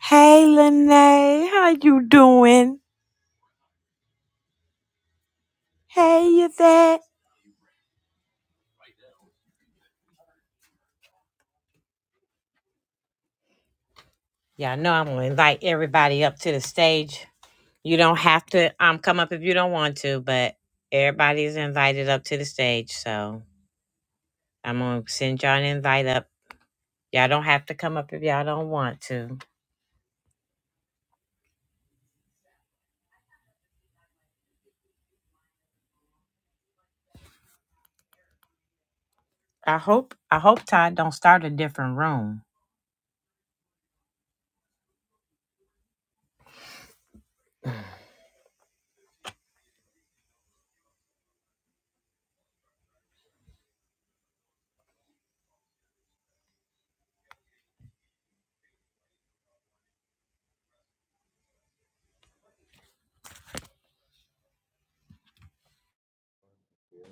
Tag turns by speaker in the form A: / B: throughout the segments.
A: Hey Lene, how you doing? Hey you there.
B: you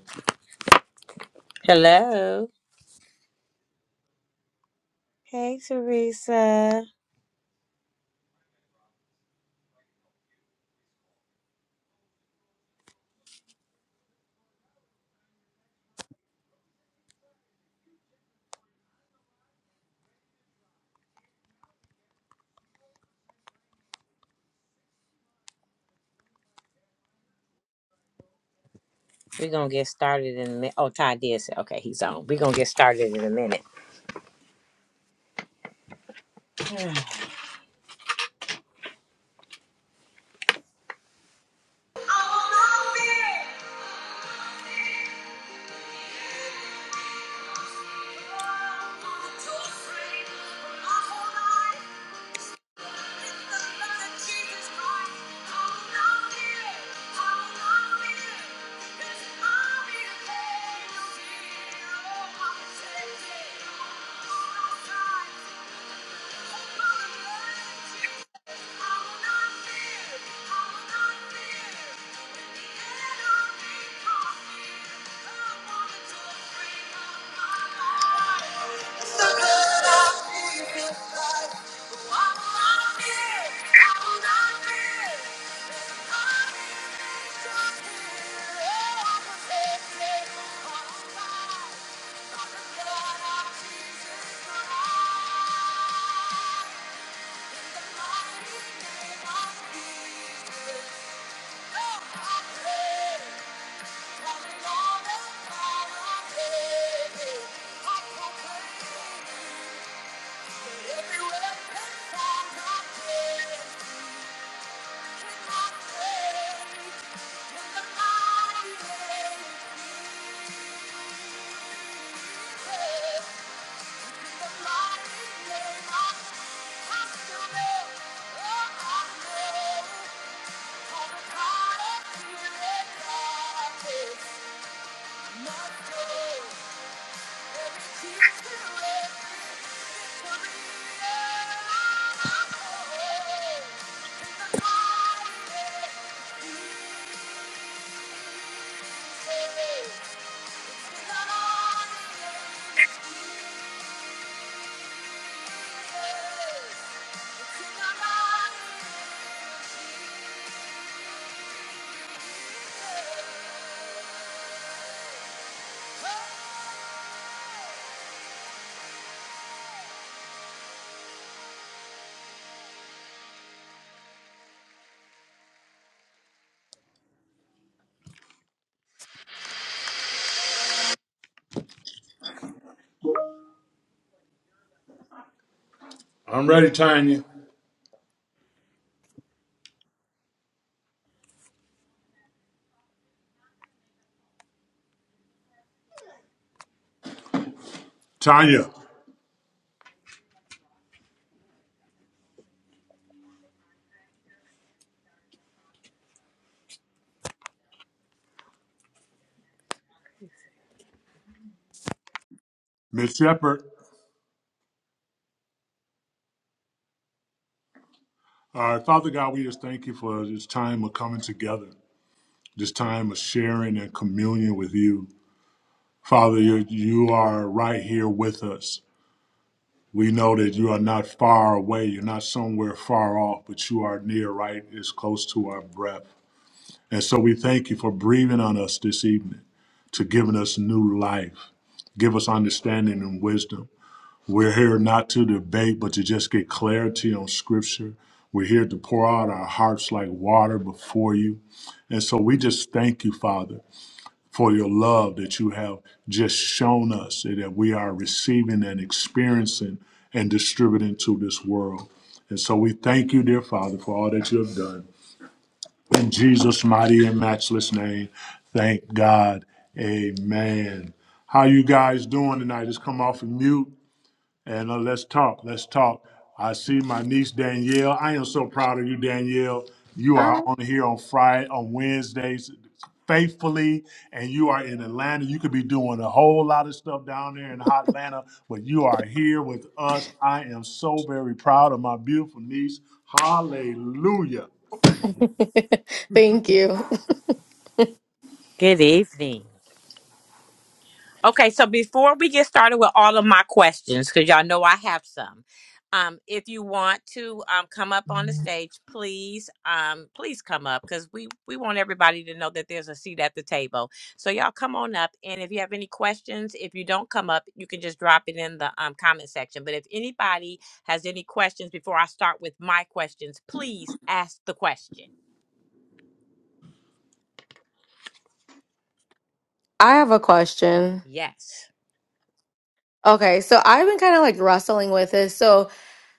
C: Thank you. Jesus Christ oh I still know, oh, I know. I'm ready, Tanya. Tanya, Miss Shepherd. All right, Father God, we just thank you for this time of coming together, this time of sharing and communion with you. Father, you, you are right here with us. We know that you are not far away. You're not somewhere far off, but you are near, right? It's close to our breath. And so we thank you for breathing on us this evening, to giving us new life. Give us understanding and wisdom. We're here not to debate, but to just get clarity on Scripture. We're here to pour out our hearts like water before you. And so we just thank you, Father, for your love that you have just shown us and that we are receiving and experiencing and distributing to this world. And so we thank you, dear Father, for all that you have done. In Jesus' mighty and matchless name, thank God. Amen. How you guys doing tonight? Just come off of mute. And uh, let's talk. Let's talk. I see my niece Danielle. I am so proud of you, Danielle. You are
D: Hi.
C: on here on Friday, on Wednesdays, faithfully, and you are in Atlanta. You could be doing a whole lot of stuff down there in hot Atlanta, but you are here with us. I am so very proud of my beautiful niece. Hallelujah.
D: Thank you. I have a question. Okay, so I've been kind of like wrestling with this. So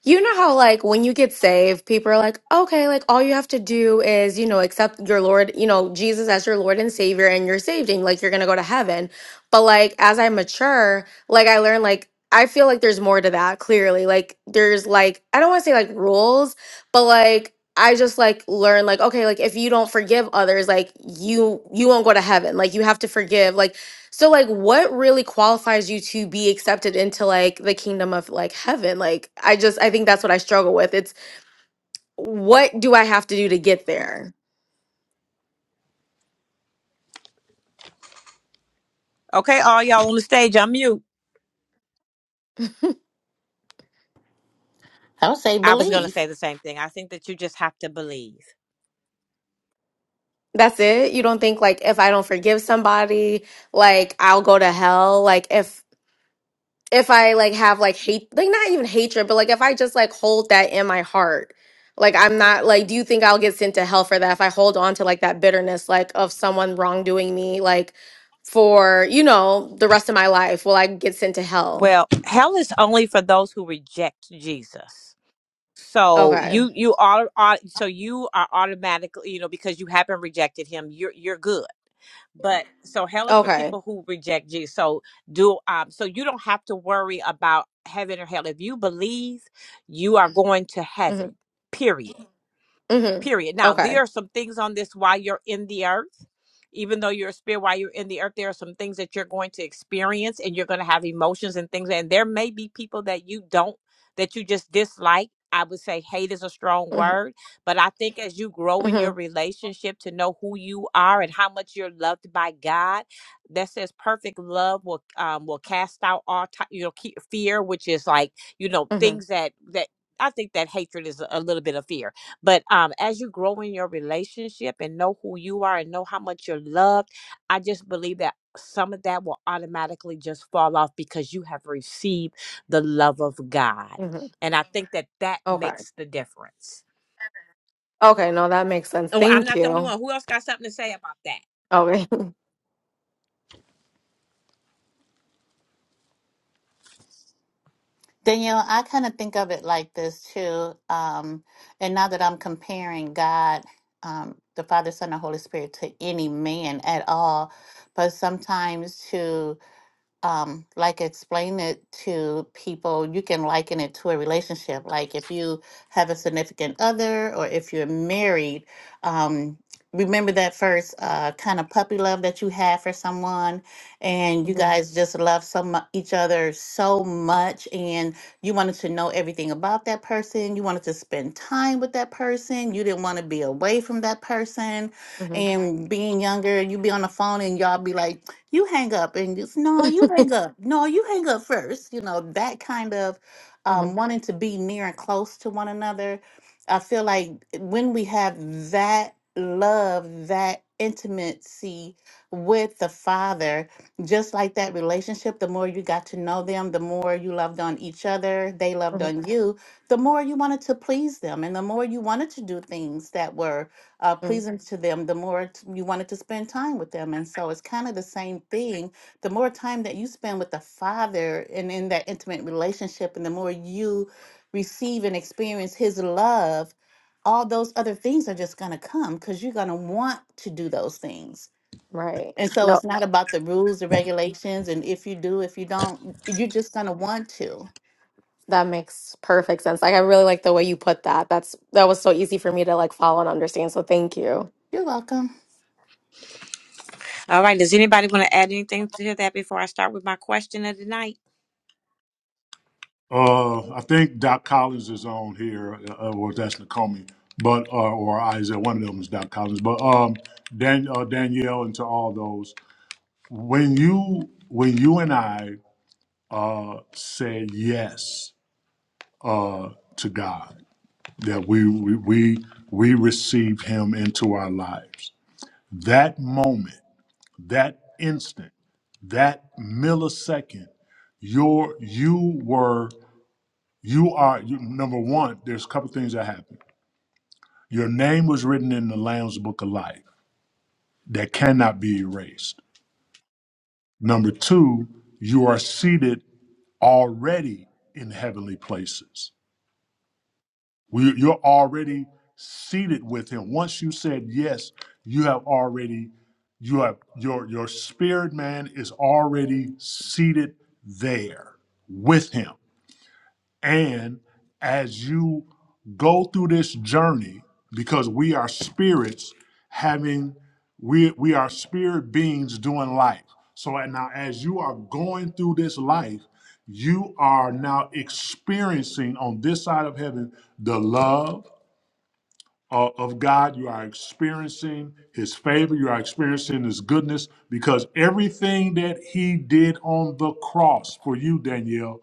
D: You know how, like, when you get saved, people are like, okay, like, all you have to do is, you know, accept your Lord, you know, Jesus as your Lord and Savior, and you're saved, and like, you're gonna go to heaven. But, like, as I mature, like, I learned, like, I feel like there's more to that, clearly. Like, there's, like, I don't wanna say, like, rules, but, like, I just like learn like okay like if you don't forgive others like you you won't go to heaven like you have to forgive like so like what really qualifies you to be accepted into like the kingdom of like heaven? Like I just I think that's what I struggle with. It's what do I have to do to get there?
E: I would say believe.
D: That's it. You don't think like if I don't forgive somebody, like I'll go to hell? Like if if I like have like hate, like not even hatred, but like if I just like hold that in my heart, like I'm not like, do you think I'll get sent to hell for that if I hold on to like that bitterness, like of someone wrongdoing me, like for, you know, the rest of my life? Will I get sent to hell? Okay. Okay. Mm-hmm. Mm-hmm. Okay. Mm-hmm. Mm-hmm. Mm-hmm. Mm-hmm. Okay. Okay. No, that makes sense. Thank you. Okay.
E: Danielle, I kind of think of it like this too. Um, and now that I'm comparing God, um, the Father, Son, and Holy Spirit to any man at all, but sometimes to um, like explain it to people. You can liken it to a relationship. Like if you have a significant other or if you're married, um, remember that first uh, kind of puppy love that you had for someone, and you guys just love some each other so much, and you wanted to know everything about that person. You wanted to spend time with that person. You didn't want to be away from that person
D: Mm-hmm. Mm-hmm.
E: and being younger, you be on the phone and y'all be like, you hang up and just no, you hang up. No, you hang up first. You know, that kind of
D: mm-hmm.
E: um, wanting to be near and close to one another. I feel like when we have that love, that intimacy with the Father, just like that relationship, the more you got to know them, the more you loved on each other, they loved on you, the more you wanted to please them, and the more you wanted to do things that were uh,
D: Mm-hmm.
E: pleasing to them, the more t- you wanted to spend time with them. And so it's kind of the same thing. The more time that you spend with the Father and in that intimate relationship, and the more you receive and experience His love, all those other things are just going to come because you're going to want to do those things.
D: Right.
E: And so
D: No.
E: it's not about the rules, the regulations, and if you do, if you don't, you're just going to want to.
D: That makes perfect sense. Like I really like the way you put that. That's that was so easy for me to like follow and understand. So thank you.
E: You're welcome,
C: Uh, I think Doc Collins is on here, uh, or that's Nakomi, but uh, or Isaiah, one of them is Doc Collins. But um, Dan, uh, Danielle, and to all those. when you when you and I uh, say yes uh, to God, that we, we we we receive Him into our lives, that moment, that instant, that millisecond, your you were you are you, number one. There's a couple things that happen. Your name was written in the Lamb's Book of Life that cannot be erased. Number two, you are seated. already in heavenly places. We- You're already seated with him. Once you said yes, you have already you have your your spirit man is already seated there with him. And as you go through this journey, because we are spirits having, we, we are spirit beings doing life. So and now, as you are going through this life, you are now experiencing on this side of heaven the love uh, of God. You are experiencing His favor. You are experiencing His goodness because everything that He did on the cross for you, Danielle,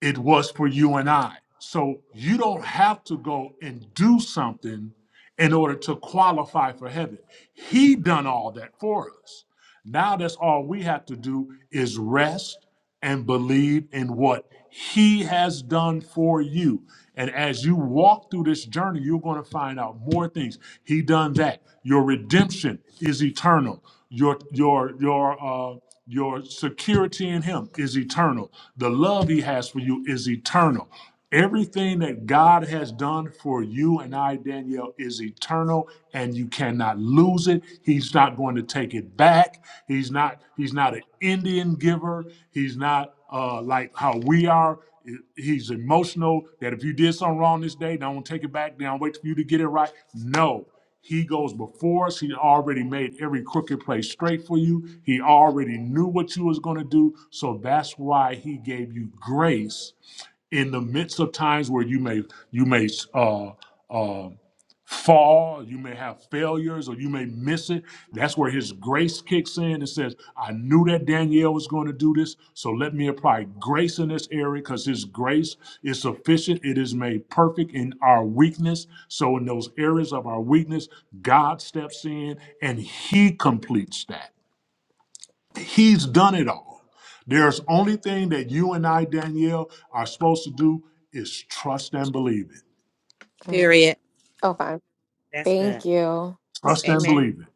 C: it was for you and I. So you don't have to go and do something in order to qualify for heaven. He done all that for us. Now that's all we have to do is rest and believe in what he has done for you. And as you walk through this journey, you're going to find out more things. He done that. Your redemption is eternal. Your your your uh your security in him is eternal. The love he has for you is eternal. Everything that God has done for you and I, Danielle, is eternal and you cannot lose it. He's not going to take it back. He's not, he's not an Indian giver. He's not uh, like how we are. He's emotional that if you did something wrong this day, don't take it back. Don't wait for you to get it right. No, he goes before us. He already made every crooked place straight for you. He already knew what you was going to do. So that's why he gave you grace in the midst of times where you may you may uh, uh, fall, you may have failures, or you may miss it. That's where His grace kicks in and says, "I knew that Danielle was going to do this, so let me apply grace in this area because His grace is sufficient. It is made perfect in our weakness. So in those areas of our weakness, God steps in and He completes that." He's done it all. There's only thing that you and I, Danielle, are supposed to do is trust and believe it.
D: Mhm. Okay. Thank you.
C: Trust and believe it.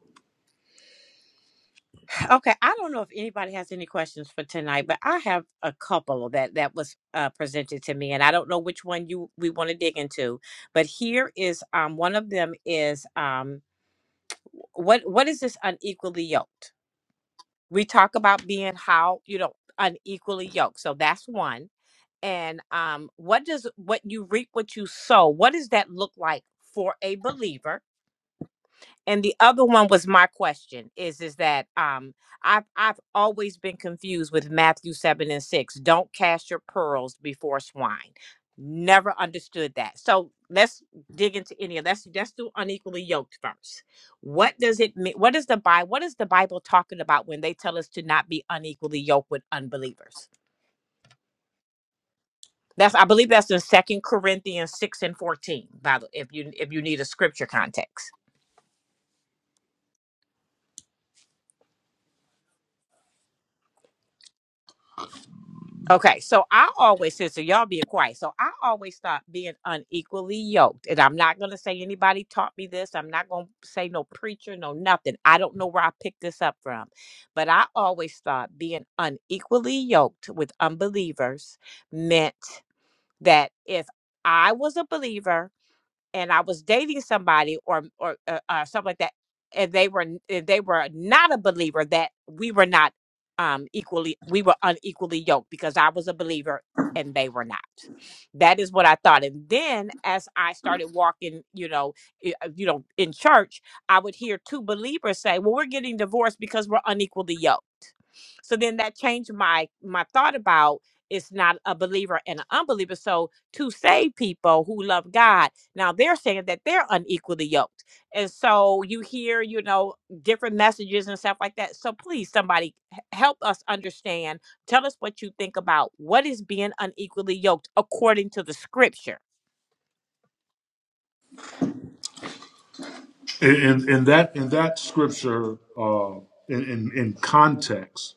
C: In, in, in that in that scripture, uh, in, in in context,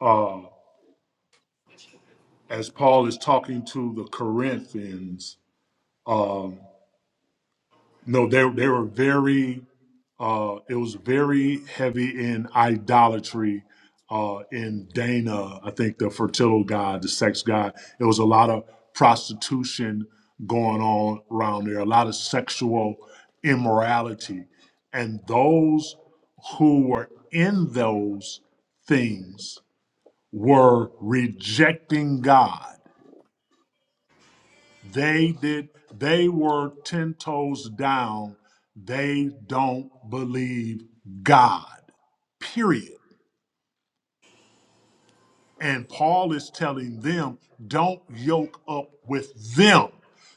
C: uh, as Paul is talking to the Corinthians, um, no, they they were very Uh, it was very heavy in idolatry. Uh, in Dana, I think the fertile god, the sex god, it was a lot of prostitution going on around there, a lot of sexual immorality. And those who were in those things were rejecting God. They did, they were 10 toes down. They don't believe God period. And Paul is telling them, don't yoke up with them.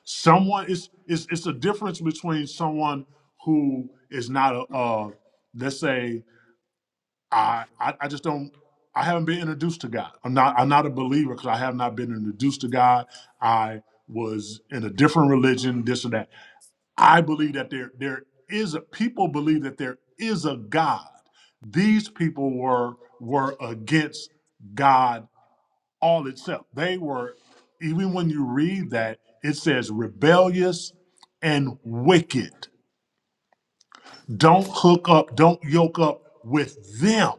C: Someone is it's, it's a difference between someone who is not a uh, let's say I, I I just don't I haven't been introduced to God. I'm not I'm not a believer because I have not been introduced to God. I was in a different religion, this and that. I believe that there there is a people believe that there is a God. These people were were against God all itself. They were, even when you read that, it says rebellious and wicked. Don't hook up, don't yoke up with them.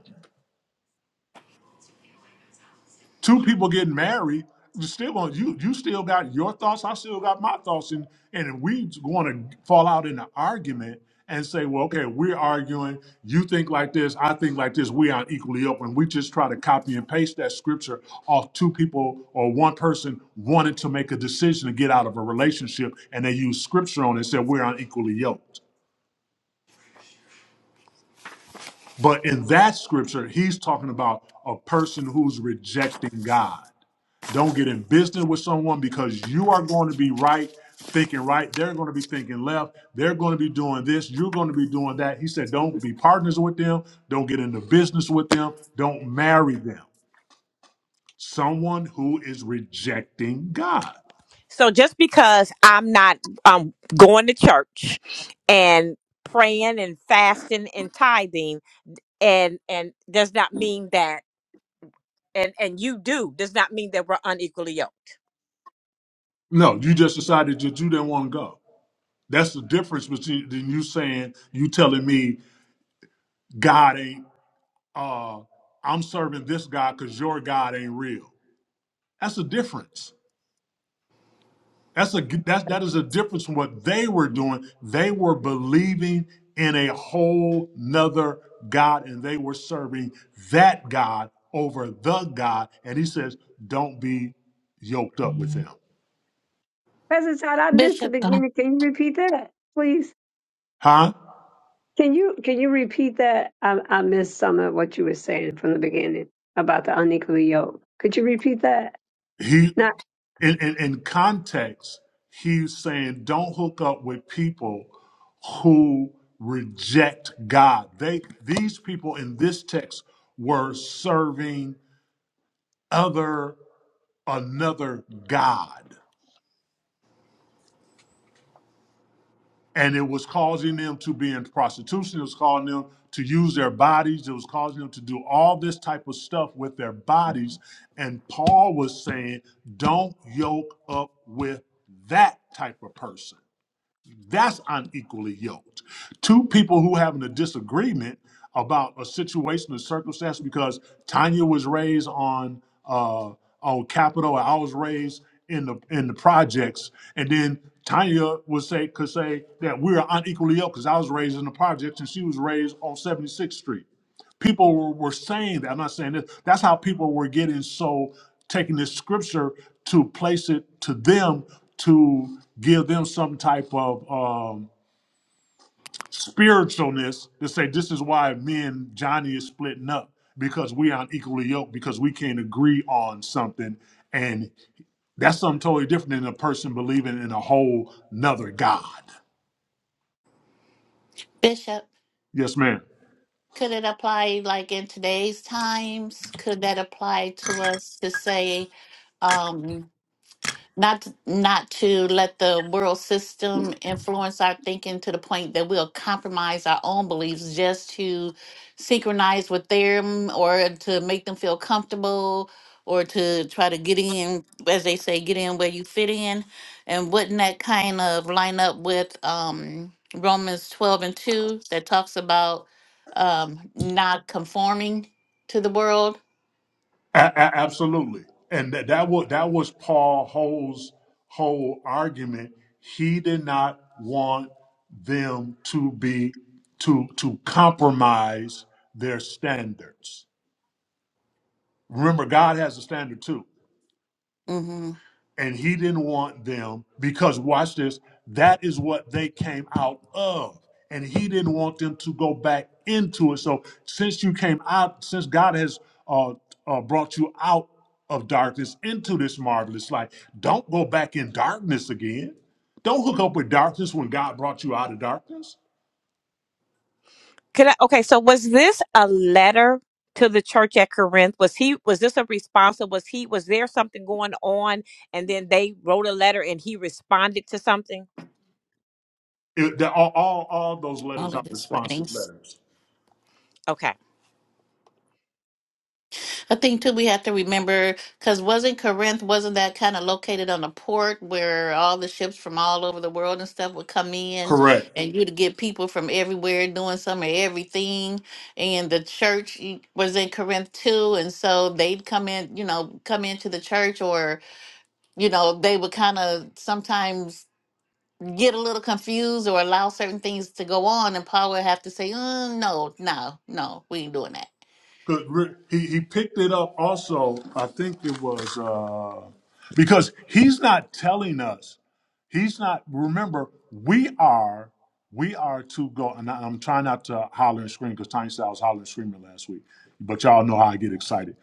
C: two people getting married, you still on you you still got your thoughts, I still got my thoughts, and and if we want to fall out in an argument and say, well, okay, we're arguing, you think like this, I think like this, we aren't equally open. We just try to copy and paste that scripture off two people or one person wanted to make a decision to get out of a relationship, and they use scripture on it and said we're unequally yoked. But in that scripture, he's talking about a person who's rejecting God. Don't get in business with someone because you are going to be right, thinking right. They're going to be thinking left. They're going to be doing this. You're going to be doing that. He said, don't be partners with them. Don't get into business with them. Don't marry them. Someone who is rejecting God. No, you just decided that you didn't want to go. That's the difference between than you saying, you telling me God ain't, uh, I'm serving this God because your God ain't real. That's the difference. That's a that's that is a difference from what they were doing. They were believing in a whole nother God and they were serving that God over the God. And he says, Don't be yoked up with him.
F: President Todd, I missed the beginning. Can you repeat that, please?
C: Huh?
F: Can you can you repeat that? I, I missed some of what you were saying from the beginning about the unequally yoked. Could you repeat that?
C: He in, in, in context, he's saying don't hook up with people who reject God. They these people in this text were serving other another god and it was causing them to be in prostitution it was causing them to use their bodies it was causing them to do all this type of stuff with their bodies and paul was saying don't yoke up with that type of person That's unequally yoked. Two people who having a disagreement about a situation or circumstance because Tanya was raised on uh, on Capitol, and I was raised in the in the projects, and then Tanya would say could say that we're unequally yoked because I was raised in the projects and she was raised on 76th Street people were, were saying that. I'm not saying this. That's how people were getting so taking this scripture to place it to them to give them some type of um, spiritualness to say this is why me and Johnny is splitting up because we aren't equally yoked because we can't agree on something and that's something totally different than a person believing in a whole nother God.
E: Bishop.
C: Yes, ma'am.
E: Could it apply like in today's times? Could that apply to us to say, um, not not to let the world system influence our thinking to the point that we'll compromise our own beliefs just to synchronize with them or to make them feel comfortable or to try to get in as they say get in where you fit in and wouldn't that kind of line up with um romans 12 and 2 that talks about um not conforming to the world
C: A- a- absolutely, and that that was that was Paul Hole's whole argument. He did not want them to be to to compromise their standards. Remember, God has a standard too.
E: hmm
C: and he didn't want them because watch this that is what they came out of and he didn't want them to go back into it so since you came out since god has uh, uh brought you out of darkness into this marvelous light don't go back in darkness again don't hook up with darkness when god brought you out of darkness It- the- all, all all those
E: all
C: letters
E: of
C: are
E: this
C: responsive
E: writings
C: letters
E: I think too we have to remember because wasn't Corinth wasn't that kind of located on a port where all the ships from all over the world and stuff would come in,
C: correct
E: and you'd get people from everywhere doing some of everything, and the church e- was in Corinth too, and so they'd come in, you know, come into the church, or you know, they would kind of sometimes get a little confused or allow certain things to go on, and Paul would have to say, uh, "No, no, no, we ain't doing that."
C: because he he picked it up also. I think it was uh, because he's not telling us. He's not. Remember, we are we are to go. And I, am trying not to holler and scream because Tiny Styles hollering and screaming last week. But y'all know how I get excited.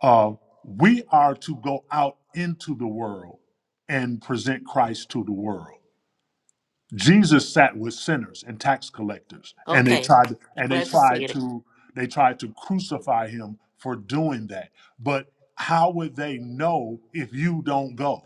C: Uh, we are to go out into the world and present Christ to the world. Jesus sat with sinners and tax collectors, and they
E: Okay,
C: tried and they
E: glad to see
C: tried
E: it.
C: to they tried to crucify him for doing that. But how would they know if you don't go?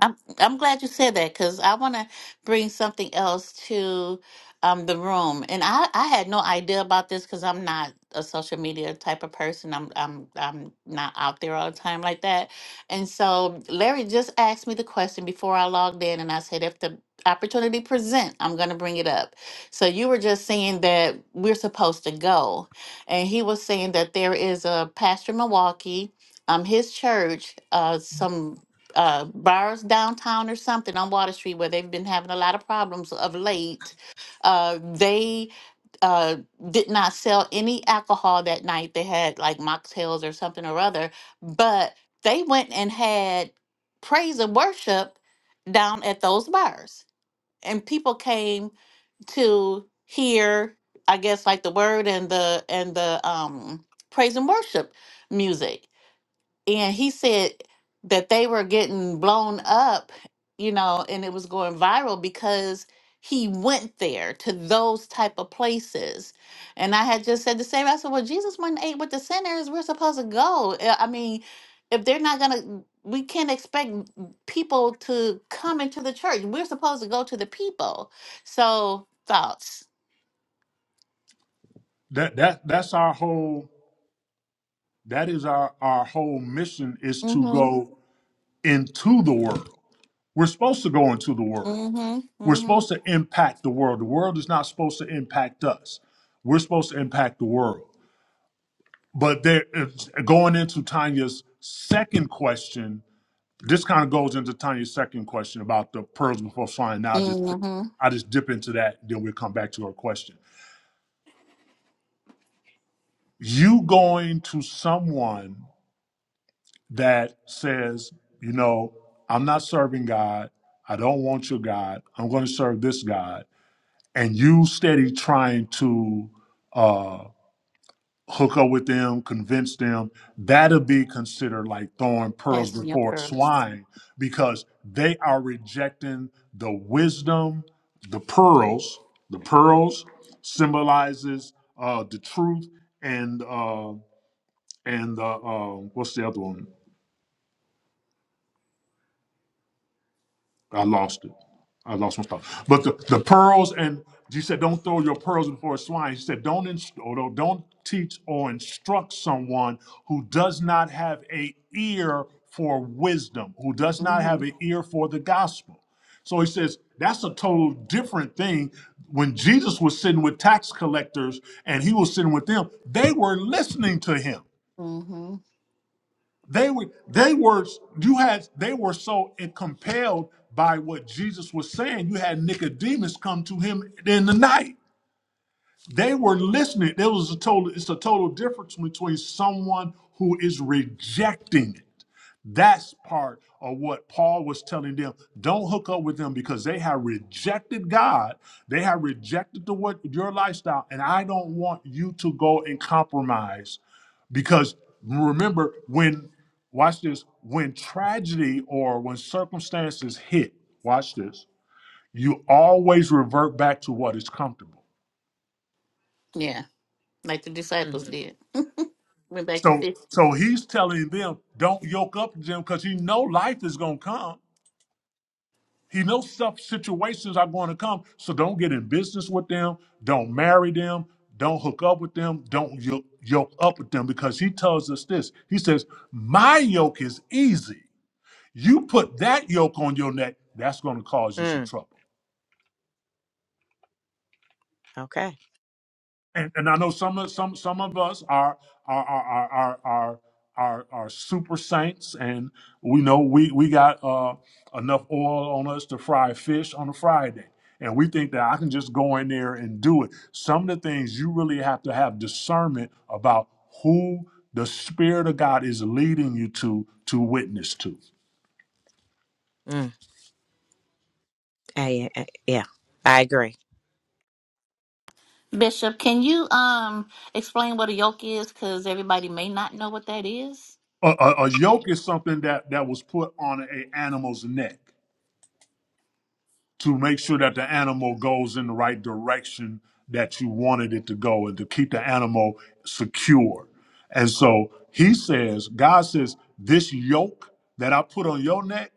E: I'm I'm glad you said that because I want to bring something else to um, the room, and I, I had no idea about this because I'm not a social media type of person. I'm I'm I'm not out there all the time like that. And so Larry just asked me the question before I logged in, and I said if the opportunity present, I'm going to bring it up. So you were just saying that we're supposed to go, and he was saying that there is a pastor in Milwaukee um his church uh some uh bars downtown or something on Water Street where they've been having a lot of problems of late. Uh they uh did not sell any alcohol that night. They had like mocktails or something or other, but they went and had praise and worship down at those bars. And people came to hear I guess like the word and the and the um praise and worship music and he said that they were getting blown up, you know, and it was going viral because he went there to those type of places. And I had just said the same. I said, "Well, Jesus went and ate with the sinners. We're supposed to go. Uh, I mean, if they're not gonna, we can't expect people to come into the church. We're supposed to go to the people." So thoughts.
C: That that that's our whole that is our our whole mission is to
E: Mm-hmm.
C: go into the world. We're supposed to go into the world.
E: Mm-hmm.
C: We're
E: Mm-hmm.
C: supposed to impact the world. The world is not supposed to impact us. We're supposed to impact the world. But there, it's- going into Tanya's second question, this kind of goes into Tanya's second question about the pearls before swine. Now, I'll just
E: Mm-hmm.
C: I just dip into that, then we'll come back to her question. You going to someone that says, you know, I'm not serving God. I don't want your God. I'm going to serve this God, and you steady trying to. uh, hook up with them, convince them, that'll be considered like throwing pearls
E: Cast your
C: before
E: pearls.
C: swine because they are rejecting the wisdom, the pearls. The pearls symbolizes uh, the truth and uh, and uh, uh, what's the other one? I lost it. I lost my thought. But the, the pearls and he said, don't throw your pearls before swine. He said, don't inst- or don't don't teach or instruct someone who does not have a ear for wisdom, who does not
E: Mm-hmm.
C: have an ear for the gospel. So he says that's a total different thing. When Jesus was sitting with tax collectors and he was sitting with them, they were listening to him.
E: Mm-hmm.
C: They were they were you had they were so compelled by what Jesus was saying. You had Nicodemus come to him in the night. They were listening. There was a total it's a total difference between someone who is rejecting it that's part of what Paul was telling them. Don't hook up with them because they have rejected God. They have rejected the what your lifestyle. And I don't want you to go and compromise. Because remember, when watch this, when tragedy or when circumstances hit, watch this, you always revert back to what is comfortable.
E: Yeah, like the disciples did. Went back to
C: So
E: fishing.
C: so he's telling them, don't yoke up to them because you know life is gonna come. He knows stuff situations are going to come, so don't get in business with them, don't marry them, don't hook up with them, don't yo- yoke up with them, because he tells us this. He says, "My yoke is easy. You put that yoke on your neck, that's going to cause you some trouble." and, and I know some of some some of us are are are are are are, are, are super saints, and we know we we got uh, enough oil on us to fry fish on a Friday, and we think that I can just go in there and do it. Some of the things you really have to have discernment about who the Spirit of God is leading you to to witness to.
E: Bishop, can you um explain what a yoke is? Because everybody may not know what that is.
C: A, a, a yoke is something that that was put on a animal's neck to make sure that the animal goes in the right direction that you wanted it to go and to keep the animal secure. And so he says, God says, this yoke that I put on your neck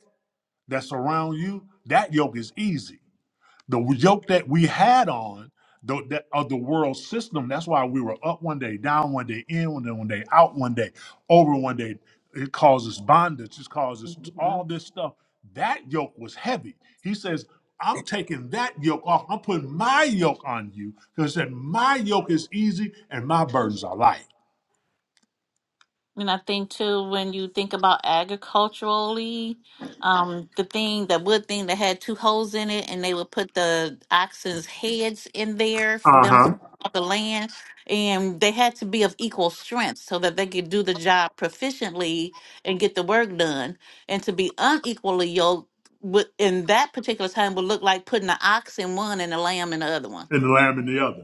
C: that's around you, that yoke is easy the yoke that we had on the, that of the world system. That's why we were up one day, down one day, in one day, one day, out one day, over one day. It causes bondage. It causes all this stuff. That yoke was heavy. He says, "I'm taking that yoke off. I'm putting my yoke on you because that my yoke is easy and my burdens are light."
E: And I think too, when you think about agriculturally, um, the thing, the wood thing that had two holes in it, and they would put the oxen's heads in there for
C: Uh
E: them to
C: huh.
E: plow the land, and they had to be of equal strength so that they could do the job proficiently and get the work done. And to be unequally yoked would, in that particular time would look like putting the ox in one and the lamb in the other one.
C: And the lamb and the other.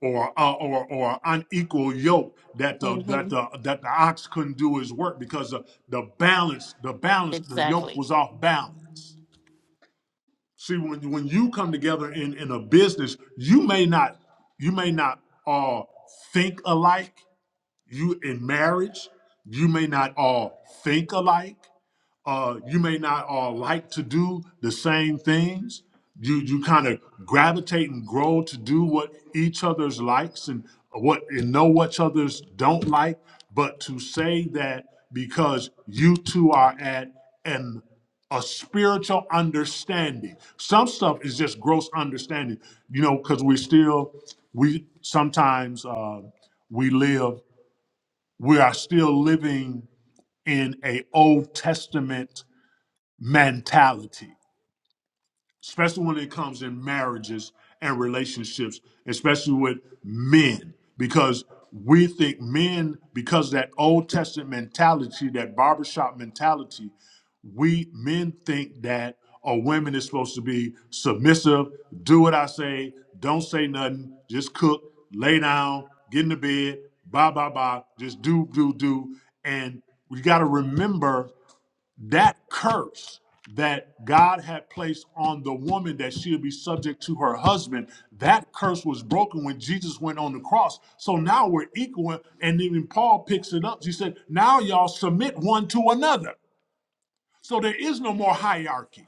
C: or uh, or or unequal yoke that the
E: mm
C: that
E: hmm
C: the that the ox couldn't do his work because the, the balance the balance the yoke
E: Exactly.
C: was off balance. See when when you come together in in a business, you may not you may not all think alike. You in marriage, you may not all think alike uh, you may not all like to do the same things. You you kind of gravitate and grow to do what each other's likes and what and know what others don't like. But to say that because you two are at an a spiritual understanding. Some stuff is just gross understanding, you know, because we still we sometimes uh, we live we are still living in a Old Testament mentality, especially when it comes in marriages and relationships, especially with men, because we think men, because that Old Testament mentality, that barbershop mentality, we men think that a woman is supposed to be submissive, do what I say, don't say nothing, just cook, lay down, get in the bed, blah, blah, blah, just do, do, do. And we got to remember that curse that God had placed on the woman that she would be subject to her husband, that curse was broken when Jesus went on the cross. So now we're equal. And even Paul picks it up. He said, Now y'all submit one to another. So there is no more hierarchy.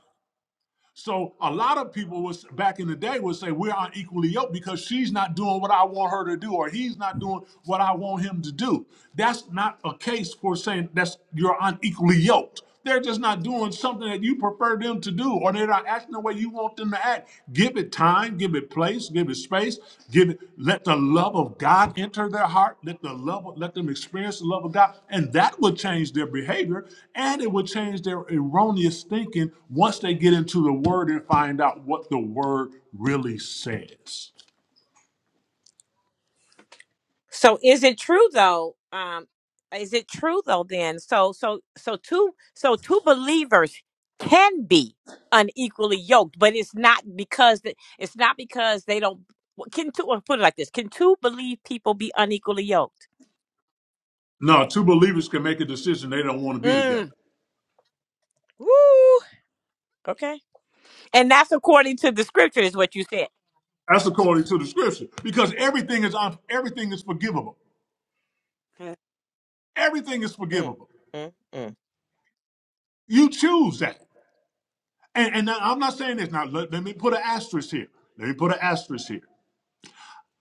C: So a lot of people was back in the day would say we're unequally yoked because she's not doing what I want her to do or he's not doing what I want him to do. That's not a case for saying that's you're unequally yoked. They're just not doing something that you prefer them to do or they're not acting the way you want them to act Give Give it time, give it place, give it space, give it let the love of God enter their heart, let the love let them experience the love of God, and that will change their behavior and it will change their erroneous thinking once they get into the word and find out what the word really says. No, two believers can make a decision they don't want to be together. That's according to the scripture. Because everything is everything is forgivable. Everything is forgivable. You choose that. And, and now, I'm not saying this now. Let, let me put an asterisk here. Let me put an asterisk here.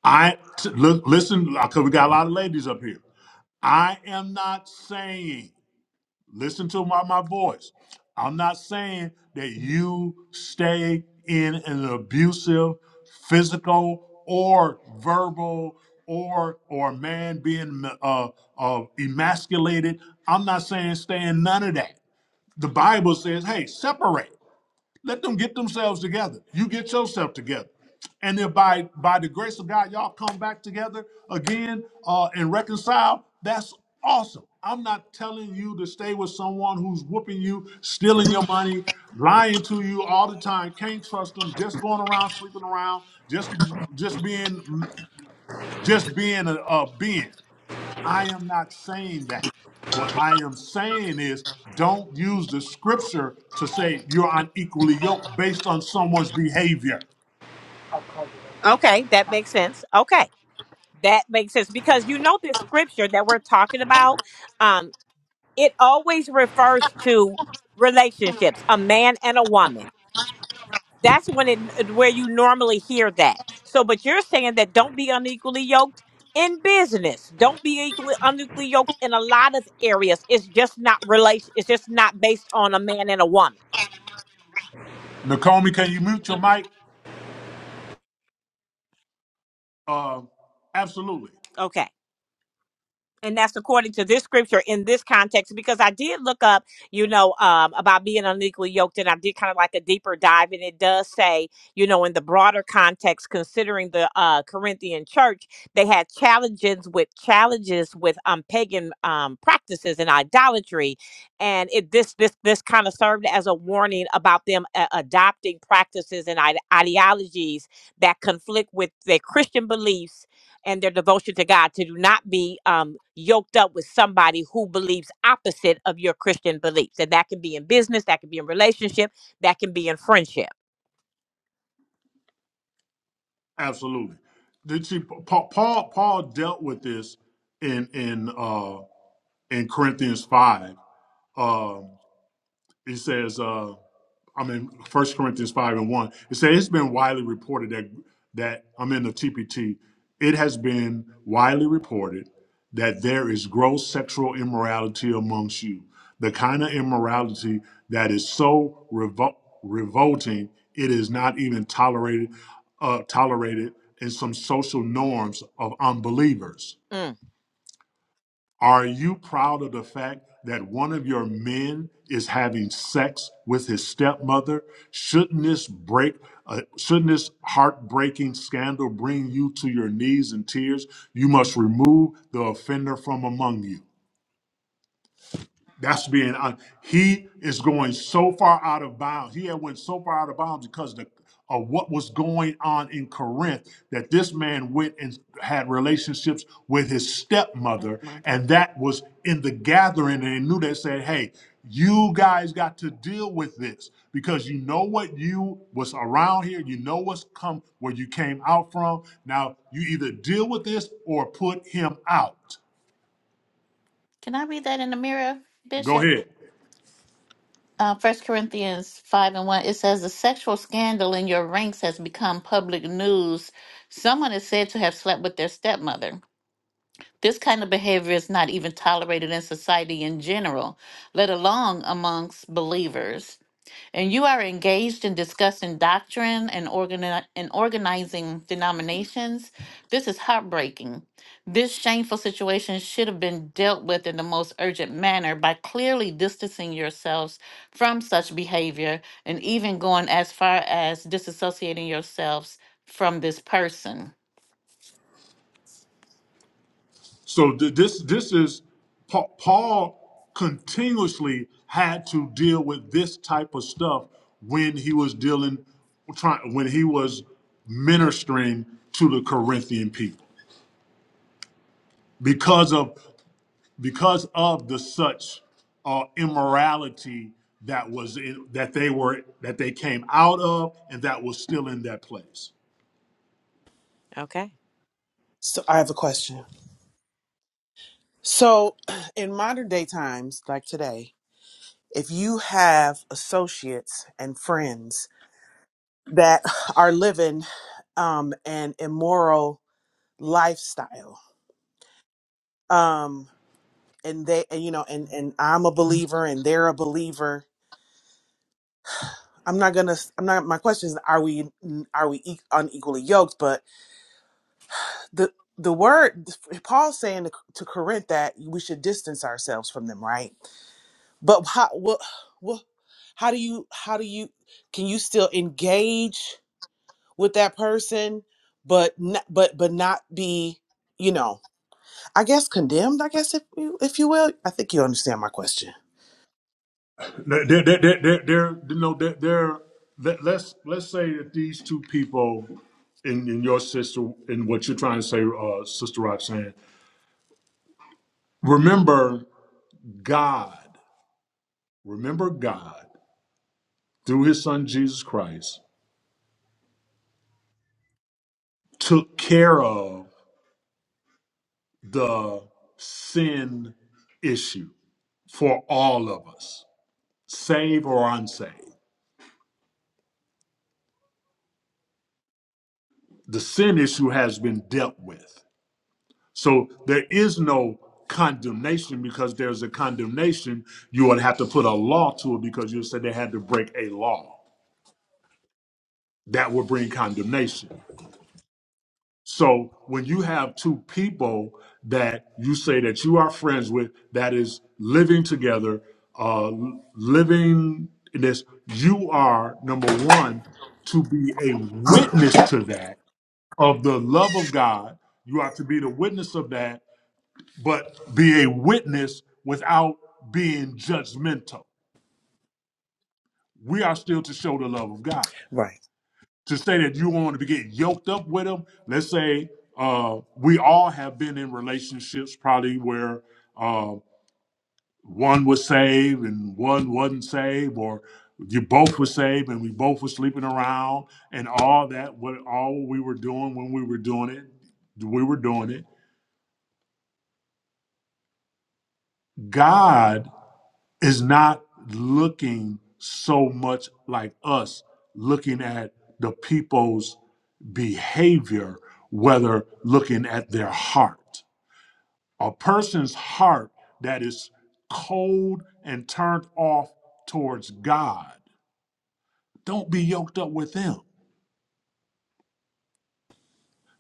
C: I t- look, listen, because we got a lot of ladies up here. I am not saying. Listen to my my voice. I'm not saying that you stay in an abusive, physical or verbal or or a man being uh, uh, emasculated. I'm not saying stay in none of that. The Bible says, hey, separate. Let them get themselves together. You get yourself together. And then by by the grace of God, y'all come back together again uh, and reconcile. That's awesome. I'm not telling you to stay with someone who's whooping you, stealing your money, lying to you all the time. Can't trust them. Just going around sleeping around. Just just being just being a, a being. I am not saying that. What I am saying is don't use the scripture to say you're unequally yoked based on someone's behavior. Nakomi, can you mute your mic? Uh, absolutely. Absolutely. Did she, Paul, Paul Paul dealt with this in in uh, in Corinthians 5. Um, he says, uh, I am in First Corinthians five and one. It says it's been widely reported that that I'm in the TPT. It has been widely reported that there is gross sexual immorality amongst you, the kind of immorality that is so revol- revolting it is not even tolerated, uh, tolerated in some social norms of unbelievers. Are you proud of the fact that one of your men is having sex with his stepmother? Shouldn't this break? Uh, shouldn't this heartbreaking scandal bring you to your knees in tears? You must remove the offender from among you. That's being hon- he is going so far out of bounds. He had went so far out of bounds because the, of what was going on in Corinth that this man went and had relationships with his
E: Yep,
C: stepmother,
E: mother.
C: and that was in the gathering. And they knew they said, "Hey, you guys got to deal with this because you know what you was around here. You know what's come where you came out from. Now you either deal with this or put him out."
E: Can I read that in the mirror,
C: Go
E: Bishop?
C: ahead.
E: uh, 1 Corinthians 5 and 1, it says, The sexual scandal in your ranks has become public news. Someone is said to have slept with their stepmother. This kind of behavior is not even tolerated in society in general, let alone amongst believers and you are engaged in discussing doctrine and, organi- and organizing denominations, this is heartbreaking. This shameful situation should have been dealt with in the most urgent manner by clearly distancing yourselves from such behavior and even going as far as disassociating yourselves from this person.
C: So th- this this is Pa- Paul continuously had to deal with this type of stuff when he was dealing trying when he was ministering to the Corinthian people because of because of the such uh, immorality that was in, that they were that they came out of and that was still in that place.
G: So I have a question. So in modern day times, like today, if you have associates and friends that are living um, an immoral lifestyle, um, and they, and, you know, and and I'm a believer and they're a believer. I'm not gonna. I'm not. My question is, are we are we e- unequally yoked? But the the word Paul's saying to, to Corinth that we should distance ourselves from them, right? But how what what how do you how do you can you still engage with that person but not, but but not be you know I guess condemned I guess if you if you will I think you understand my question.
C: They're, they're, they're, they're, they're, you know, they're, they're let, let's let's say that these two people in, in your sister in what you're trying to say, uh, Sister Roxanne, remember God, remember God through His Son Jesus Christ took care of the sin issue for all of us, save or unsaved. The sin issue has been dealt with. So there is no condemnation because there's a condemnation. You would have to put a law to it because you said they had to break a law. That would bring condemnation. So when you have two people that you say that you are friends with, that is living together, uh, living in this, you are number one to be a witness to that of the love of God. You are to be the witness of that but be a witness without being judgmental. We are still to show the love of God.
G: Right.
C: To say that you want to get yoked up with them, let's say uh, we all have been in relationships probably where uh, one was saved and one wasn't saved, or you both were saved and we both were sleeping around and all that, what all we were doing when we were doing it, we were doing it. God is not looking so much like us looking at the people's behavior whether looking at their heart a person's heart that is cold and turned off towards god don't be yoked up with them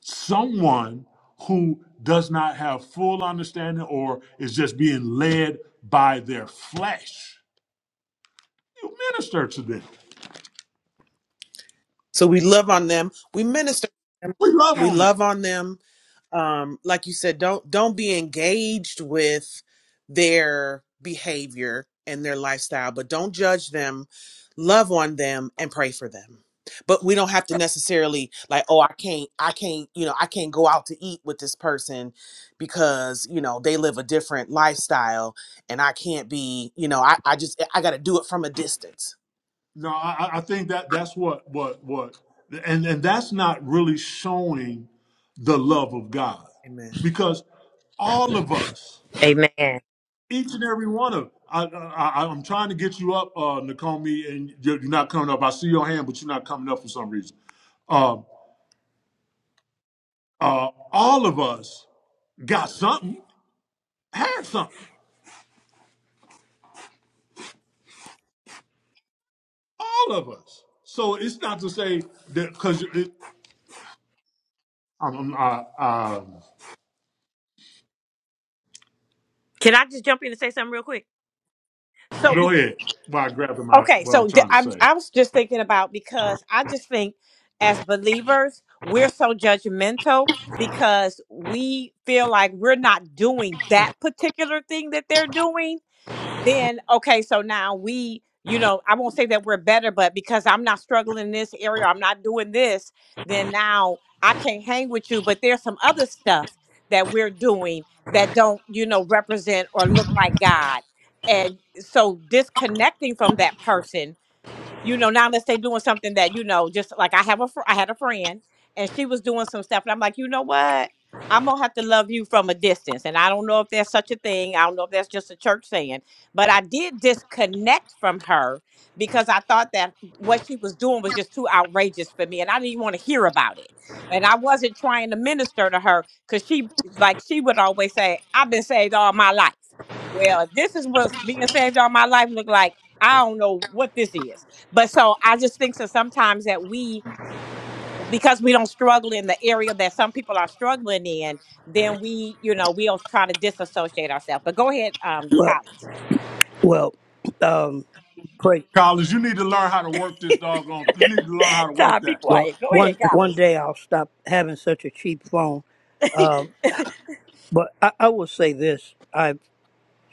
C: someone who does not have full understanding or is just being led by their flesh you minister to them
G: So we love on them. We minister. to them,
C: we love
G: We
C: on them
G: love on them um like you said don't don't be engaged with their behavior and their lifestyle but don't judge them love on them and pray for them but we don't have to necessarily like oh i can't i can't you know i can't go out to eat with this person because you know they live a different lifestyle and i can't be you know i, I just i gotta do it from a distance
C: No, I, I think that that's what what what, and and that's not really showing the love of God,
G: amen
C: because all of us, each and every one of, I, I I- am trying to get you up, uh, Nakomi, and you're, you're not coming up. I see your hand, but you're not coming up for some reason. Um, uh, all of us got something, had something, all of us. So it's not to say that because I'm, I'm I, um, go ahead while I grabbing my what I'm trying to say.
H: Well, well, um, great.
C: Collins, you need to learn how to work this doggone. You need to learn how to work that.
H: Well, one one day I'll stop having such a cheap phone. Um, but I, I will say this: I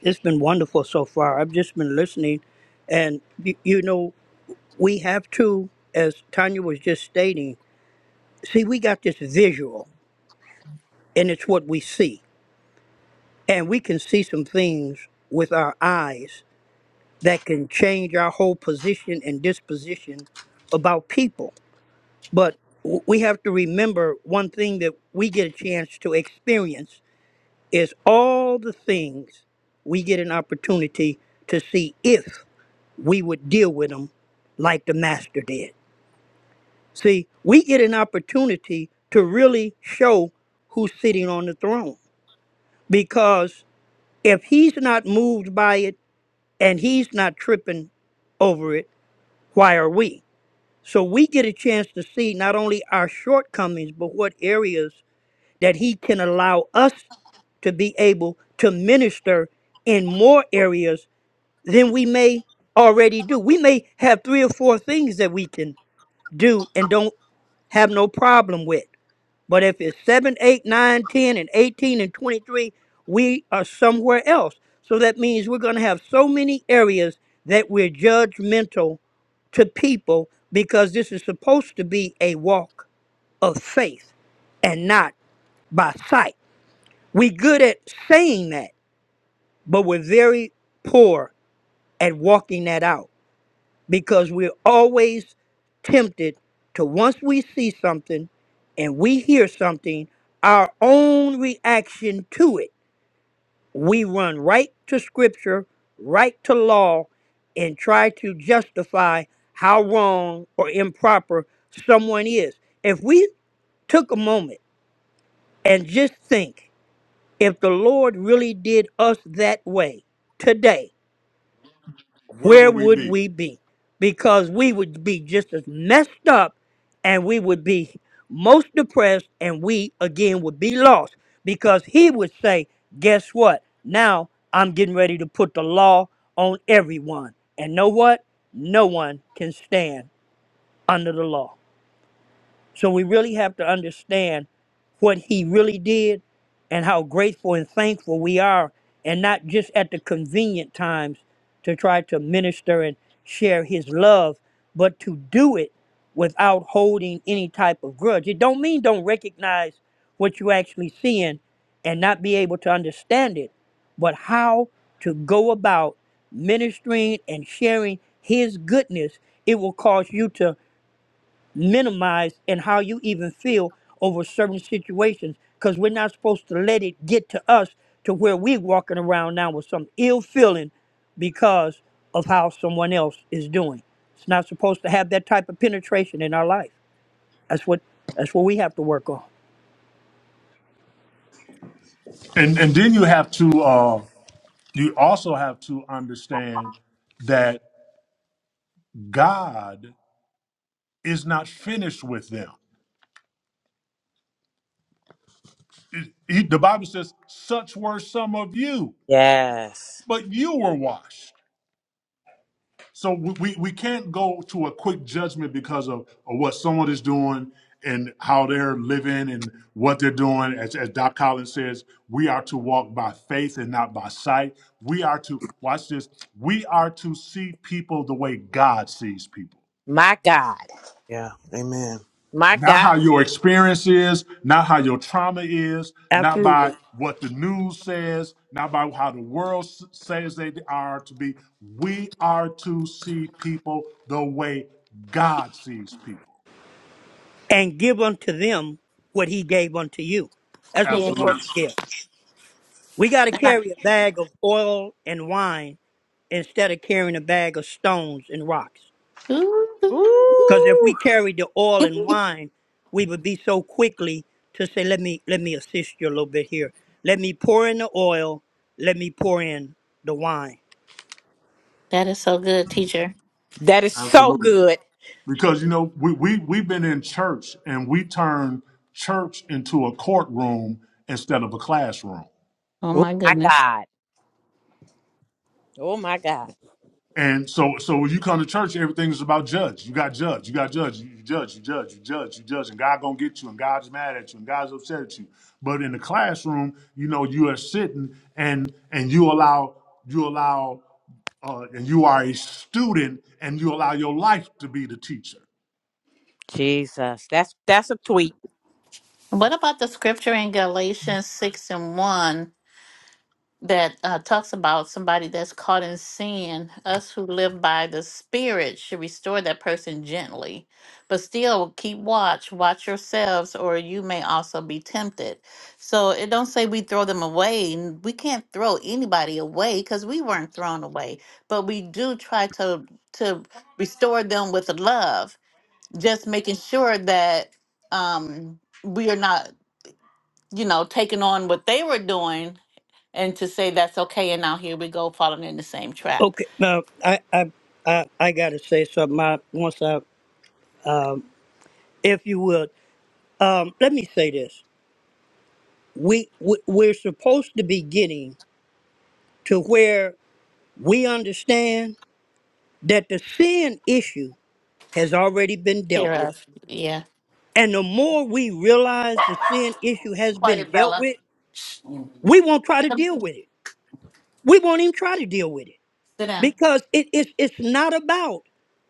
H: it's been wonderful so far. I've just been listening, and y- you know we have to, as Tanya was just stating. See, we got this visual, and it's what we see, and we can see some things with our eyes that can change our whole position and disposition about people But w- we have to remember one thing that we get a chance to experience is all the things we get an opportunity to see if we would deal with them like the master did. See, we get an opportunity to really show who's sitting on the throne because if he's not moved by it and he's not tripping over it, why are we? So we get a chance to see not only our shortcomings, but what areas that he can allow us to be able to minister in more areas than we may already do. We may have three or four things that we can do and don't have no problem with. But if it's 7, 8, 9, 10, and 18 and 23, we are somewhere else. So that means we're going to have so many areas that we're judgmental to people because this is supposed to be a walk of faith and not by sight. We good at saying that, but we're very poor at walking that out because we're always tempted to once we see something and we hear something, our own reaction to it, we run right to scripture, right to law, and try to justify how wrong or improper someone is. If we took a moment and just think, If the Lord really did us that way today,
C: Where
H: where
C: will we
H: would
C: be?
H: we be? Because we would be just as messed up and we would be most depressed and we again would be lost because he would say, Guess what? Now I'm getting ready to put the law on everyone. And know what? No one can stand under the law. So we really have to understand what he really did and how grateful and thankful we are, and not just at the convenient times to try to minister and share his love, but to do it without holding any type of grudge. It don't mean don't recognize what you actually seeing and not be able to understand it, but how to go about ministering and sharing his goodness. It will cause you to minimize and how you even feel over certain situations because we're not supposed to let it get to us to where we're walking around now with some ill feeling because of how someone else is doing. It's not supposed to have that type of penetration in our life. That's what that's what we have to work on.
C: And and then you have to. Uh, you also have to understand that God is not finished with them. He- the Bible says, "Such were some of you, but you were washed." So we, we, we can't go to a quick judgment because of, of what someone is doing and how they're living and what they're doing. As, as Doc Collins says, we are to walk by faith and not by sight. We are to, watch this, we are to see people the way God sees people.
G: yeah amen
C: Not how your experience is, not how your trauma is, not by
H: Absolutely.
C: what the news says, not by how the world s- says they are to be. We are to see people the way God sees people.
H: And give unto them what he gave unto you. That's what we're
E: Yes.
C: Absolutely.
H: supposed to give. We got to carry a bag of oil and wine instead of carrying a bag of stones and rocks.
E: Ooh.
H: Because if we carried the oil and wine, we would be so quickly to say, "Let me let me assist you a little bit here. Let me pour in the oil. Let me pour in the wine."
E: that is so good, teacher.
C: Absolutely. Because you know, we, we we've been in church and we turn church into a courtroom instead of a classroom.
E: Oh my goodness.
C: And so, so when you come to church, everything is about judge. You got judge. You got judge. You you judge. You judge. You judge. You judge. And God gonna get you. And God's mad at you. And God's upset at you. But in the classroom, you know, you are sitting and and you allow you allow uh, and you are a student and you allow your life to be the teacher.
E: What about the scripture in Galatians 6 and 1? that uh, talks about somebody that's caught in sin. Us who live by the Spirit should restore that person gently, but still keep watch, watch yourselves, or you may also be tempted. So it don't say we throw them away. and We can't throw anybody away because we weren't thrown away, but we do try to to restore them with love, just making sure that um, we are not, you know, taking on what they were doing and to say that's okay and now here we go falling in the same trap
H: Okay. Now I I I, I gotta say something. I, once I um, if you would, um, let me say this: we, we we're supposed to be getting to where we understand that the sin issue has already been
E: here
H: dealt with,
E: of yeah
H: and the more we realize the sin issue has been
E: quiet
H: dealt
E: bella
H: with
E: Shh.
H: we won't try to
E: Come,
H: deal with it. We won't even try to deal with it
E: sit down
H: because it, it's it's not about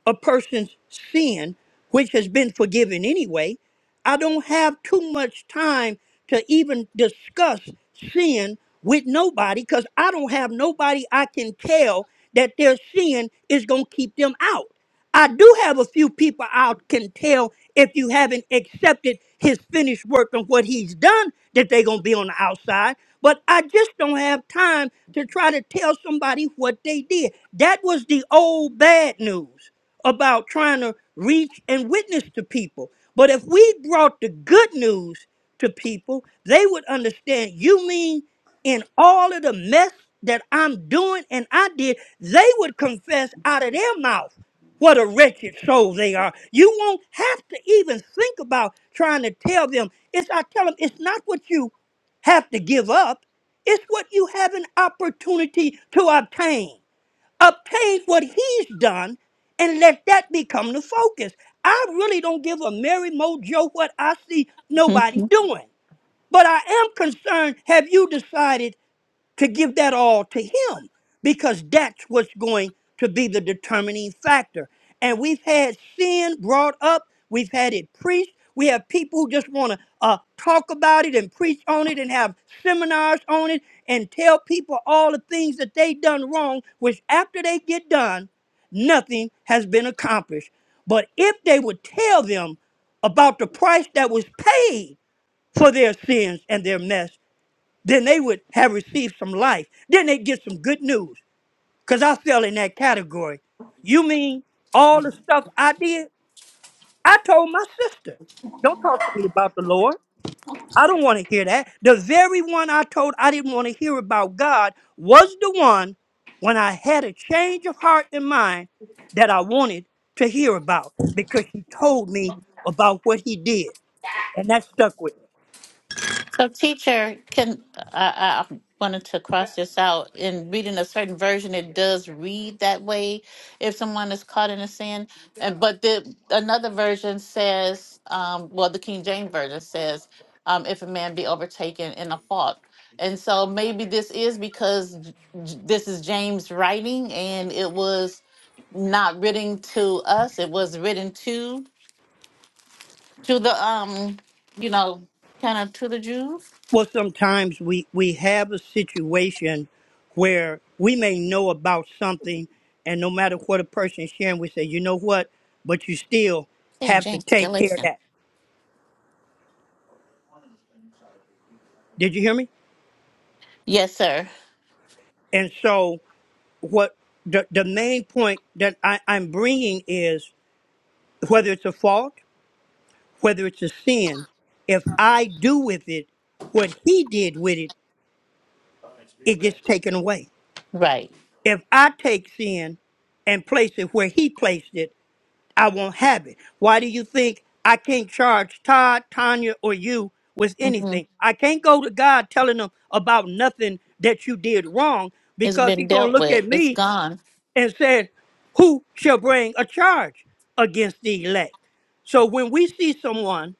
H: a person's sin, which has been forgiven anyway. I don't have too much time to even discuss sin with nobody because I don't have nobody I can tell that their sin is going to keep them out. I do have a few people I can tell if you haven't accepted his finished work and what he's done, that they're going to be on the outside. But I just don't have time to try to tell somebody what they did. That was the old bad news about trying to reach and witness to people. But if we brought the good news to people, they would understand you mean in all of the mess that I'm doing and I did, they would confess out of their mouth what a wretched soul they are. You won't have to even think about trying to tell them. It's I tell them it's not what you have to give up, it's what you have an opportunity to obtain obtain what he's done and let that become the focus. I really don't give a merry mojo what I see nobody doing. But I am concerned have you decided to give that all to Him? Because that's what's going to be the determining factor. And we've had sin brought up, we've had it preached. We have people who just want to uh, talk about it and preach on it and have seminars on it and tell people all the things that they done wrong, which after they get done, nothing has been accomplished. But if they would tell them about the price that was paid for their sins and their mess, then they would have received some life. Then they'd get some good news. Because I fell in that category. You mean all the stuff I did? I told my sister, don't talk to me about the Lord. I don't want to hear that. The very one I told I didn't want to hear about God was the one when I had a change of heart and mind that I wanted to hear about because she told me about what he did. And that stuck with me.
E: So, teacher, can I, I wanted to cross this out in reading a certain version? It does read that way if someone is caught in a sin, and but the another version says, um, well, the King James version says, um, if a man be overtaken in a fault, and so maybe this is because J- J- this is James writing, and it was not written to us; it was written to to the um, you know, kind of to the Jews.
H: Well, sometimes we, we have a situation where we may know about something, and no matter what a person is sharing, we say, you know what, but you still
E: Yeah,
H: have to
E: James,
H: take care of
E: Galatians.
H: that. Did you hear me?
E: Yes, sir.
H: And so, what the, the main point that I, I'm bringing is whether it's a fault, whether it's a sin, if I do with it what he did with it, it gets taken away.
E: Right.
H: If I take sin and place it where he placed it, I won't have it. Why do you think I can't charge Todd, Tanya, or you with
E: mm hmm
H: anything? I can't go to God telling him about nothing that you did wrong
E: It's
H: because
E: been
H: he's going to
E: dealt
H: look
E: with.
H: at
E: It's
H: me
E: gone.
H: and said, who shall bring a charge against the elect? So when we see someone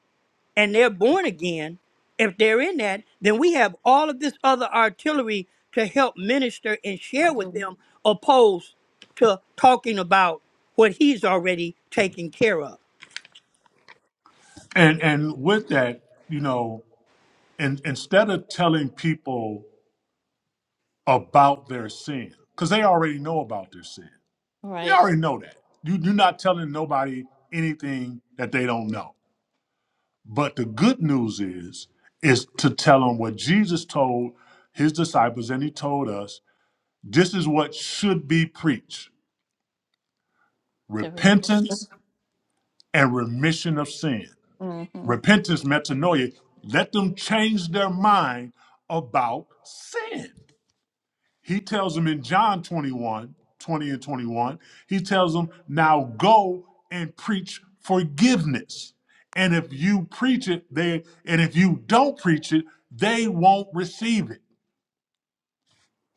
H: and they're born again, if they're in that, then we have all of this other artillery to help minister and share
E: mm
H: with
E: hmm
H: them, opposed to talking about what he's already taken care of.
C: And and with that, you know, and instead of telling people about their sin, because they already know about their sin They
E: Right.
C: already know that. You, you're not telling nobody anything that they don't know. But the good news is, is to tell them what Jesus told his disciples and he told us this is what should be preached
E: The remission.
C: repentance and remission of sin.
E: mm hmm
C: Repentance, metanoia, let them change their mind about sin. He tells them in John 21, 20 and 21, he tells them, now go and preach forgiveness. And if you preach it, they and if you don't preach it, they won't receive it.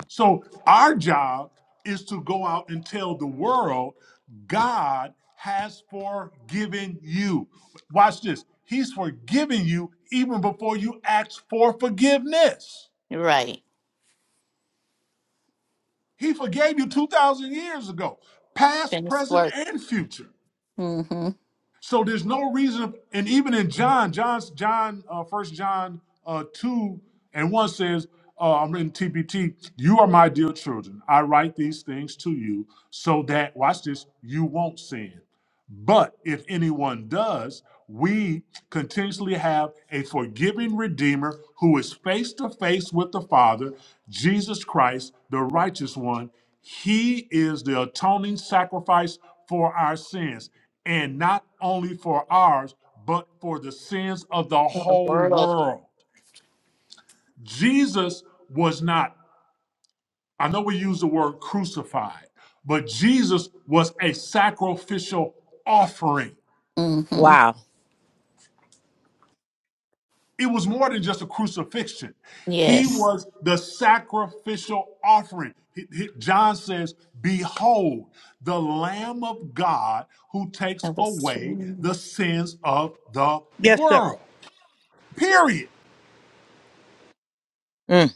C: So our job is to go out and tell the world God has forgiven you. Watch this. He's forgiven you even before you ask for forgiveness.
E: Right.
C: He forgave you 2,000 years ago, past,
E: Finished
C: present,
E: work.
C: and future.
E: mm hmm
C: So there's no reason, and even in John, John's, John, uh, 1 John uh, 2 and 1 says, uh, I'm in TPT, you are my dear children. I write these things to you so that, watch this, you won't sin. But if anyone does, we continuously have a forgiving Redeemer who is face to face with the Father, Jesus Christ, the righteous one. He is the atoning sacrifice for our sins, and not only for ours, but for the sins of the
E: For the
C: whole
E: world.
C: world. Jesus was not, I know we use the word crucified, but Jesus was a sacrificial offering.
E: mm hmm
C: it was more than just a crucifixion. He
E: Yes.
C: was the sacrificial offering. He- he- John says, Behold, the Lamb of God who takes
E: That was
C: away
E: true.
C: the sins of the
H: Yes, sir.
C: world. Period.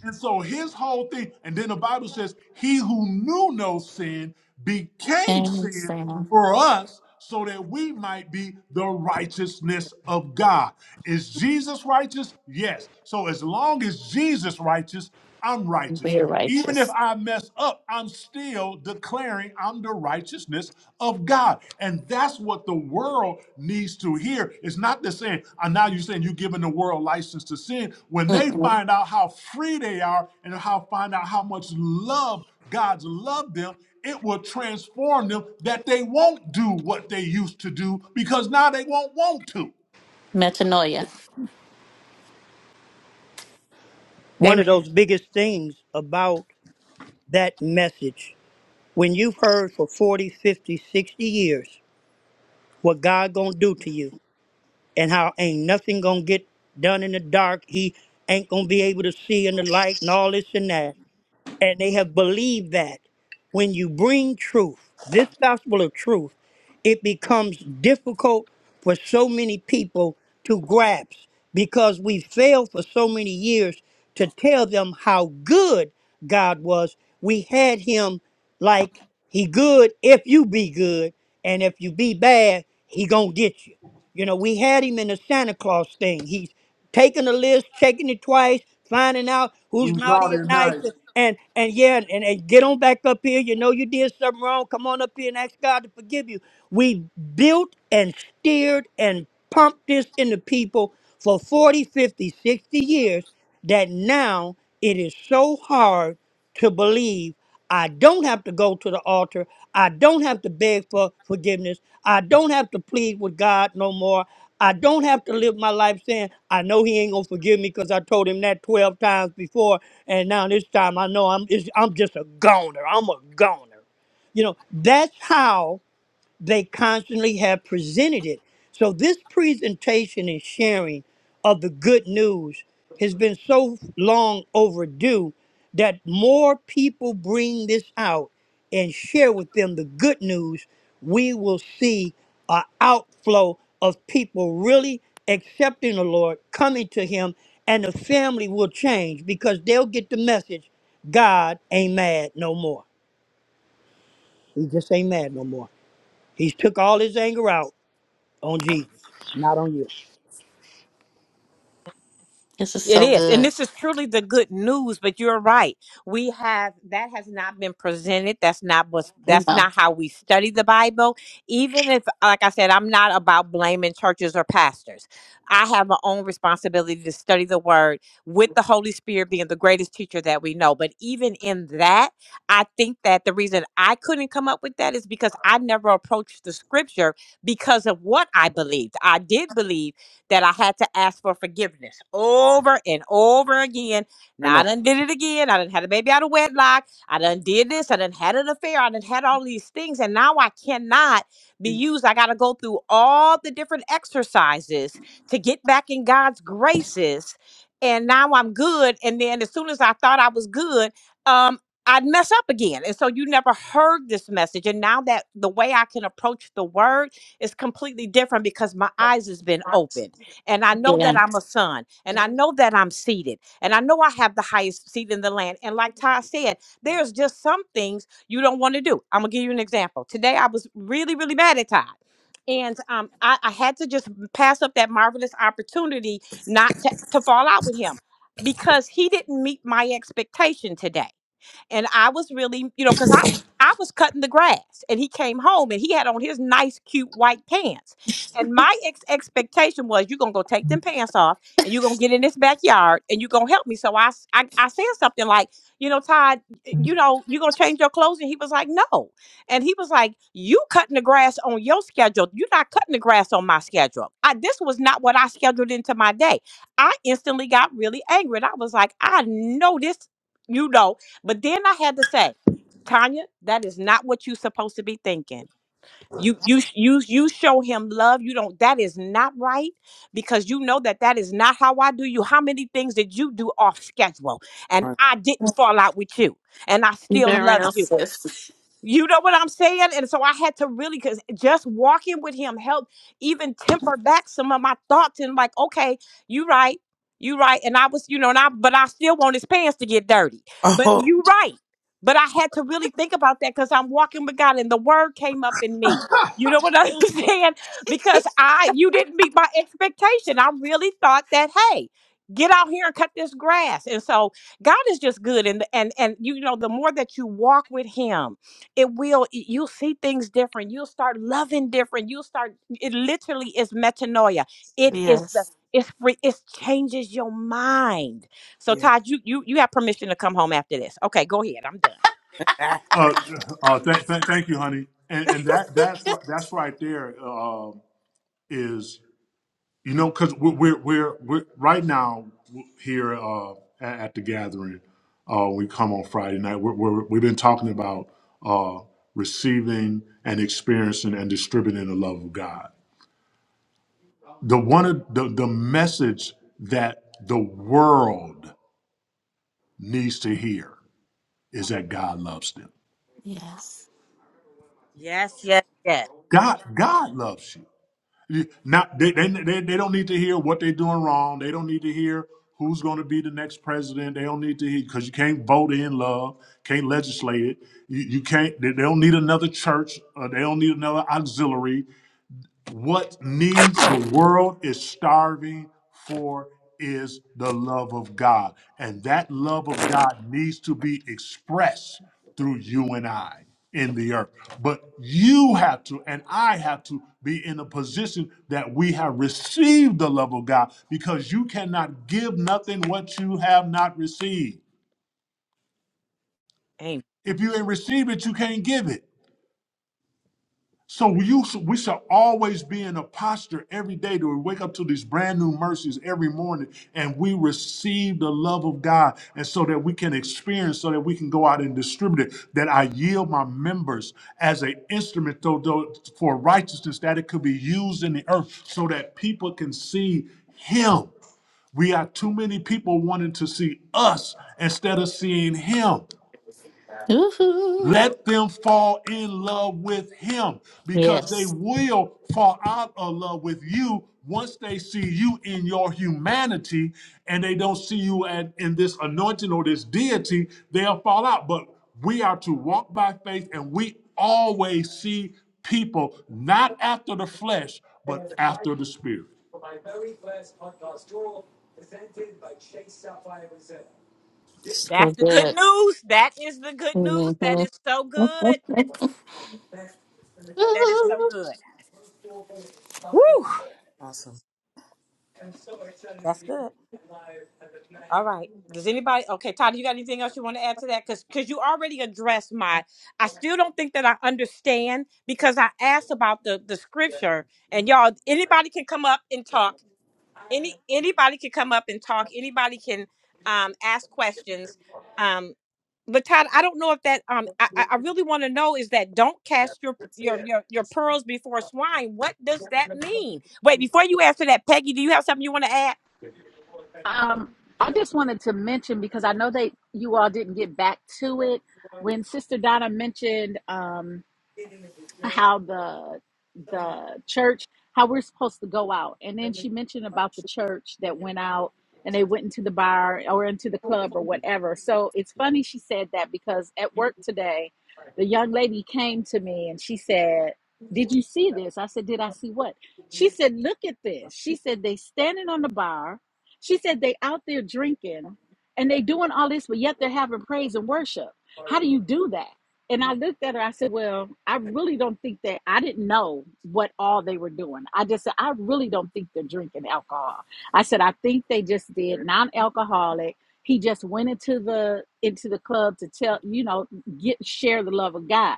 C: And so his whole thing, and then the Bible says, He who knew no sin became
E: And
C: sin
E: Sam,
C: for us so that we might be the righteousness of God. Is Jesus righteous? Yes. So as long as Jesus righteous, I'm righteous.
E: we're
C: Even if
E: righteous.
C: I mess up, I'm still declaring I'm the righteousness of God. And that's what the world needs to hear. It's not the saying, and now you're saying you're giving the world license to sin. When they
E: Mm-mm.
C: find out how free they are and how find out how much love God's loved them, it will transform them that they won't do what they used to do because now they won't want to.
E: Metanoia.
H: One of those biggest things about that message, when you've heard for 40, 50, sixty years what God gonna do to you and how ain't nothing gonna get done in the dark, he ain't gonna be able to see in the light and all this and that and they have believed that when you bring truth, this gospel of truth, it becomes difficult for so many people to grasp because we failed for so many years to tell them how good God was. We had him like he good if you be good and if you be bad, he going to get you. You know, we had him in the Santa Claus thing. He's taking the list, checking it twice, finding out who's
C: Who's
H: naughty
C: naughty
H: and
C: and
H: nice,
C: nice?
H: and and yeah, and, and get on back up here. You know you did something wrong. Come on up here and ask God to forgive you. We built and steered and pumped this into people for 40, 50, 60 years that now it is so hard to believe I don't have to go to the altar. I don't have to beg for forgiveness. I don't have to plead with God no more. I don't have to live my life saying, I know he ain't gonna forgive me because I told him that 12 times before. And now this time I know I'm, it's, I'm just a goner. I'm a goner. You know, that's how they constantly have presented it. So this presentation and sharing of the good news has been so long overdue that more people bring this out and share with them the good news, we will see an outflow of people really accepting the Lord, coming to Him, and the family will change because they'll get the message God ain't mad no more. He just ain't mad no more. He's took all his anger out on Jesus, not on you.
E: This is so good.
G: i know
E: Yeah.
G: come
E: The real sis.
G: on. oh yeah
E: Yes.
G: yeah
C: Uh, uh, th- th- thank you, honey. And, and that that's right, that's right there uh, is you know because we're, we're we're we're right now here uh, at, at the gathering. Uh, we come on Friday night. We're, we're, we've been talking about uh, receiving and experiencing and distributing the love of God. The one of the, the message that the world needs to hear is that God loves them.
E: Yes.
C: God God loves you. Not they, they they they don't need to hear what they're doing wrong. They don't need to hear who's going to be the next president. They don't need to hear because you can't vote in love, can't legislate it. You, you can't. They, they don't need another church. Uh, they don't need another auxiliary. What needs the world is starving for is the love of God. And that love of God needs to be expressed through you and I in the earth. But you have to, and I have to be in a position that we have received the love of God because you cannot give nothing what you have not received. If you ain't received it, you can't give it. So we used we shall always be in a posture every day that we wake up to these brand new mercies every morning and we receive the love of God and so that we can experience, so that we can go out and distribute it, that I yield my members as an instrument though, though, for righteousness that it could be used in the earth so that people can see him. We are too many people wanting to see us instead of seeing him.
E: Woohoo.
C: Let them fall in love with him because they
E: Yes.
C: will fall out of love with you once they see you in your humanity and they don't see you at, in this anointing or this deity, they'll fall out. But we are to walk by faith and we always see people not after the flesh, but after the spirit.
E: So good.
G: Ah. awesome.
I: Um, I just wanted to mention because I know that you all didn't get back to it when Sister Donna mentioned. Um, how the the church how we're supposed to go out and then she mentioned about the church that went out and they went into the bar or into the club or whatever so it's funny she said that because at work today the young lady came to me and she said did you see this i said did i see what she said look at this she said they standing on the bar she said they out there drinking and they doing all this but yet they're having praise and worship how do you do that and I looked at her, I said, Well, I really don't think that I didn't know what all they were doing. I just said, I really don't think they're drinking alcohol. I said, I think they just did non alcoholic. He just went into the into the club to tell, you know, get share the love of God.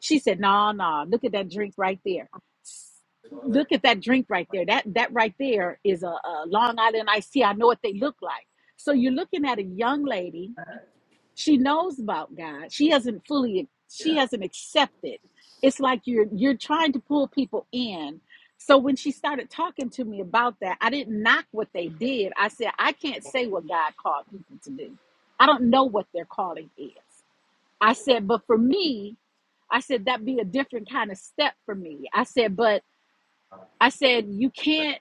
I: She said, No, no, look at that drink right there. S- Look at that drink right there. That that right there is a, a Long Island iced tea. I know what they look like. So you're looking at a young lady she knows about god she hasn't fully she hasn't accepted it's like you're you're trying to pull people in so when she started talking to me about that i didn't knock what they did i said i can't say what god called people to do i don't know what their calling is i said but for me i said that'd be a different kind of step for me i said but I said, you can't.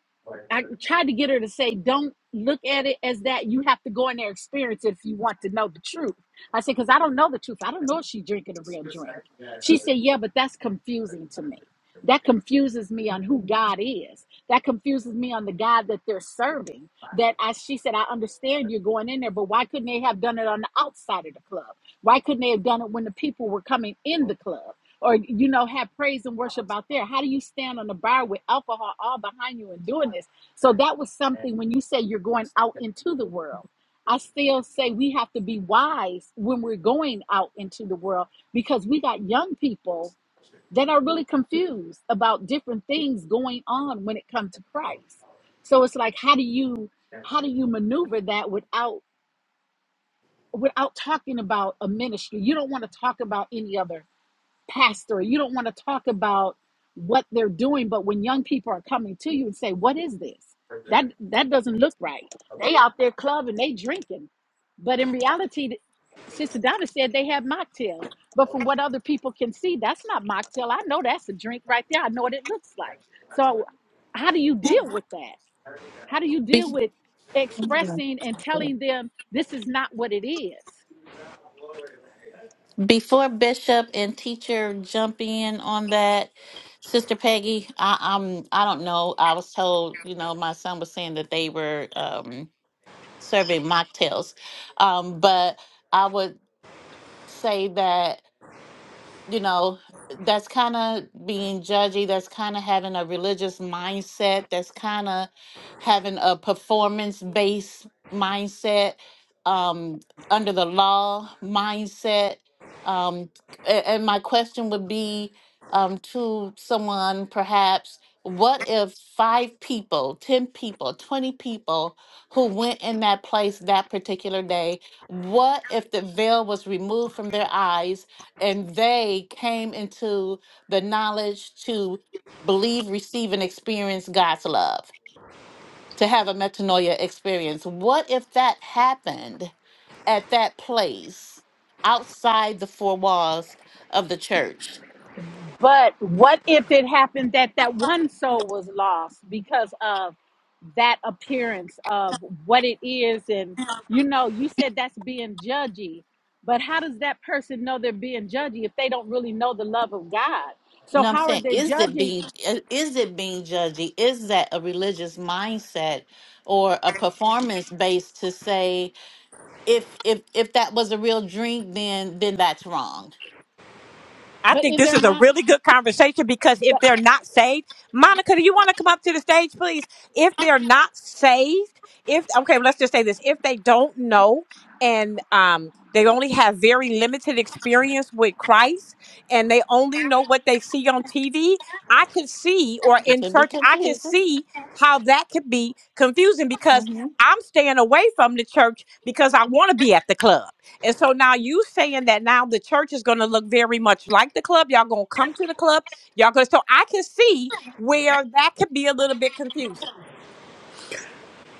I: I tried to get her to say, don't look at it as that. You have to go in there experience it if you want to know the truth. I said, because I don't know the truth. I don't know if she's drinking a real drink. She said, yeah, but that's confusing to me. That confuses me on who God is. That confuses me on the God that they're serving. That I, she said, I understand you're going in there, but why couldn't they have done it on the outside of the club? Why couldn't they have done it when the people were coming in the club? or you know have praise and worship out there how do you stand on the bar with alcohol all behind you and doing this so that was something when you say you're going out into the world i still say we have to be wise when we're going out into the world because we got young people that are really confused about different things going on when it comes to christ so it's like how do you how do you maneuver that without without talking about a ministry you don't want to talk about any other pastor. You don't want to talk about what they're doing, but when young people are coming to you and say, "What is this?" That that doesn't look right. They out there clubbing, they drinking, but in reality, Sister Donna said they have mocktails. But from what other people can see, that's not mocktail. I know that's a drink right there. I know what it looks like. So, how do you deal with that? How do you deal with
E: hmm
I: expressing and telling them this is not what it is?
E: Before Bishop and teacher jump in on that, Sister Peggy, I, I'm I don't know. I was told, you know, my son was saying that they were um, serving mocktails, um, but I would say that you know, that's kind of being judgy, that's kind of having a religious mindset, that's kind of having a performance based mindset, um, under the law mindset. Um, a- and my question would be um, to someone perhaps what if five people, 10 people, 20 people who went in that place that particular day, what if the veil was removed from their eyes? and they came into the knowledge to believe, receive, and experience God's love, to have a metanoia experience. What if that happened at that place outside the four walls of the church?
I: But what if it happened that that one soul was lost because of that appearance of what it is? And you know, you said that's being judgy, but how does that person know they're being judgy if they don't really know the love of God?
E: You
I: So
E: know what I'm
I: how are
E: saying?
I: they
E: Is it
I: judging?
E: being i- is it being judgy? Is that a religious mindset or a performance based to say if if if that was a real drink, then then that's wrong?
I: But in their mind, but,
E: It could be confusing. hmm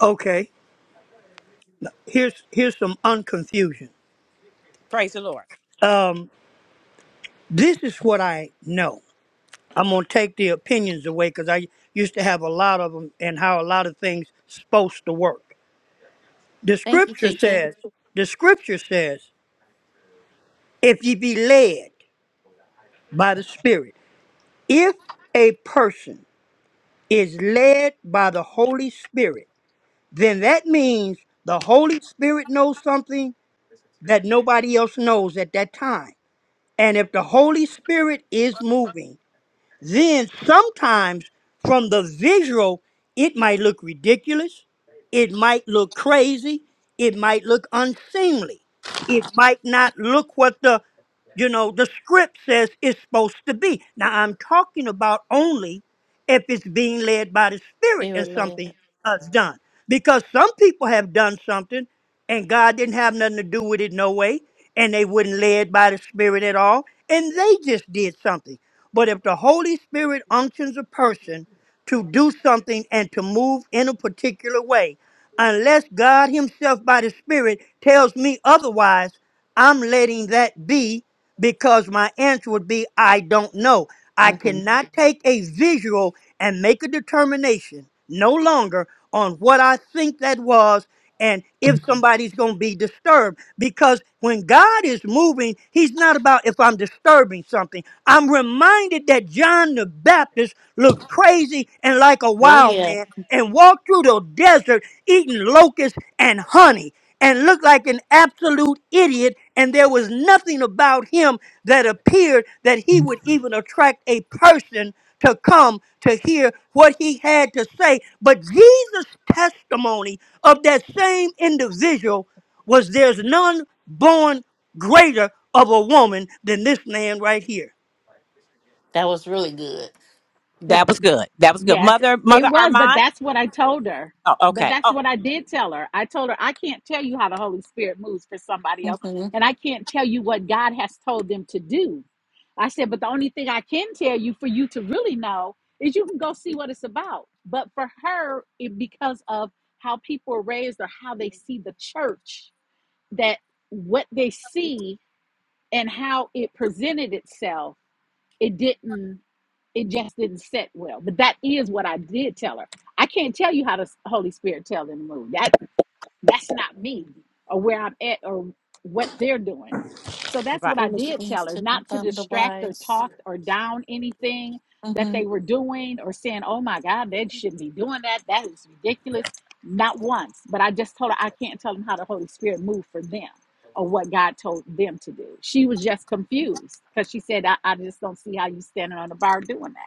H: Okay, here's here's some unconfusion. Um, this is what I know. I'm gonna take the opinions away because I used to have a lot of them and how a lot of things supposed to work. The
E: Thank you,
H: scripture
E: teacher.
H: says, the scripture says, if ye be led by the Spirit, if a person is led by the Holy Spirit, then that means the Holy Spirit knows something that nobody else knows at that time. And if the Holy Spirit is moving, then sometimes from the visual, it might look ridiculous. It might look crazy. It might look unseemly. It might not look what the you know, the script says it's supposed to be. Now, I'm talking about only if it's being led by the Spirit
E: Spirit
H: and
E: led.
H: something is done. Because some people have done something and God didn't have nothing to do with it, no way, and they wouldn't led by the Spirit at all, and they just did something. But if the Holy Spirit unctions a person to do something and to move in a particular way, unless God Himself by the Spirit tells me otherwise, I'm letting that be because my answer would be I don't know. I
E: hmm
H: cannot take a visual and make a determination no longer on what I think that was and if somebody's going to be disturbed. Because when God is moving, He's not about if I'm disturbing something. I'm reminded that John the Baptist looked crazy and like a
E: Oh,
H: wild
E: yeah.
H: man and walked through the desert eating locusts and honey and looked like an absolute idiot and there was nothing about him that appeared that he would even attract a person to come to hear what he had to say. But Jesus' testimony of that same individual was there's none born greater of a woman than this man right here.
E: That was really good.
I: but Yes, it was, but that's what I told her. But that's what I did tell her. I told her I can't tell you how the Holy Spirit moves for somebody else,
E: hmm
I: and I can't tell you what God has told them to do. I said, but the only thing I can tell you for you to really know is you can go see what it's about. But for her, it, because of how people are raised or how they see the church, that what they see and how it presented itself, it didn't it just didn't sit well. But that is what I did tell her. I can't tell you how the Holy Spirit tells them to move. That that's not me or where I'm at or what they're doing. So that's what I
E: Foolish
I: did
E: things
I: tell her,
E: to
I: not to
E: confound the
I: distract or
E: wise.
I: talk or down anything that
E: hmm
I: they were doing or saying, "Oh my God, they shouldn't be doing that. That is ridiculous." Not once, but I just told her I can't tell them how the Holy Spirit moved for them or what God told them to do. She was just confused because she said, I, "I just don't see how you standing on the bar doing that."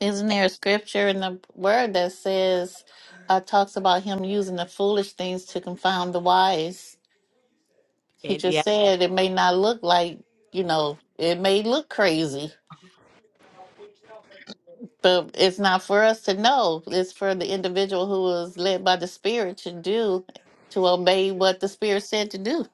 E: Isn't there a scripture in the word that says, uh, talks about him using the foolish things to confound the wise? He just said it may not look like, you know, it may look crazy, but it's not for us to know. It's for the individual who was led by the Spirit to do, to obey what the Spirit said to do.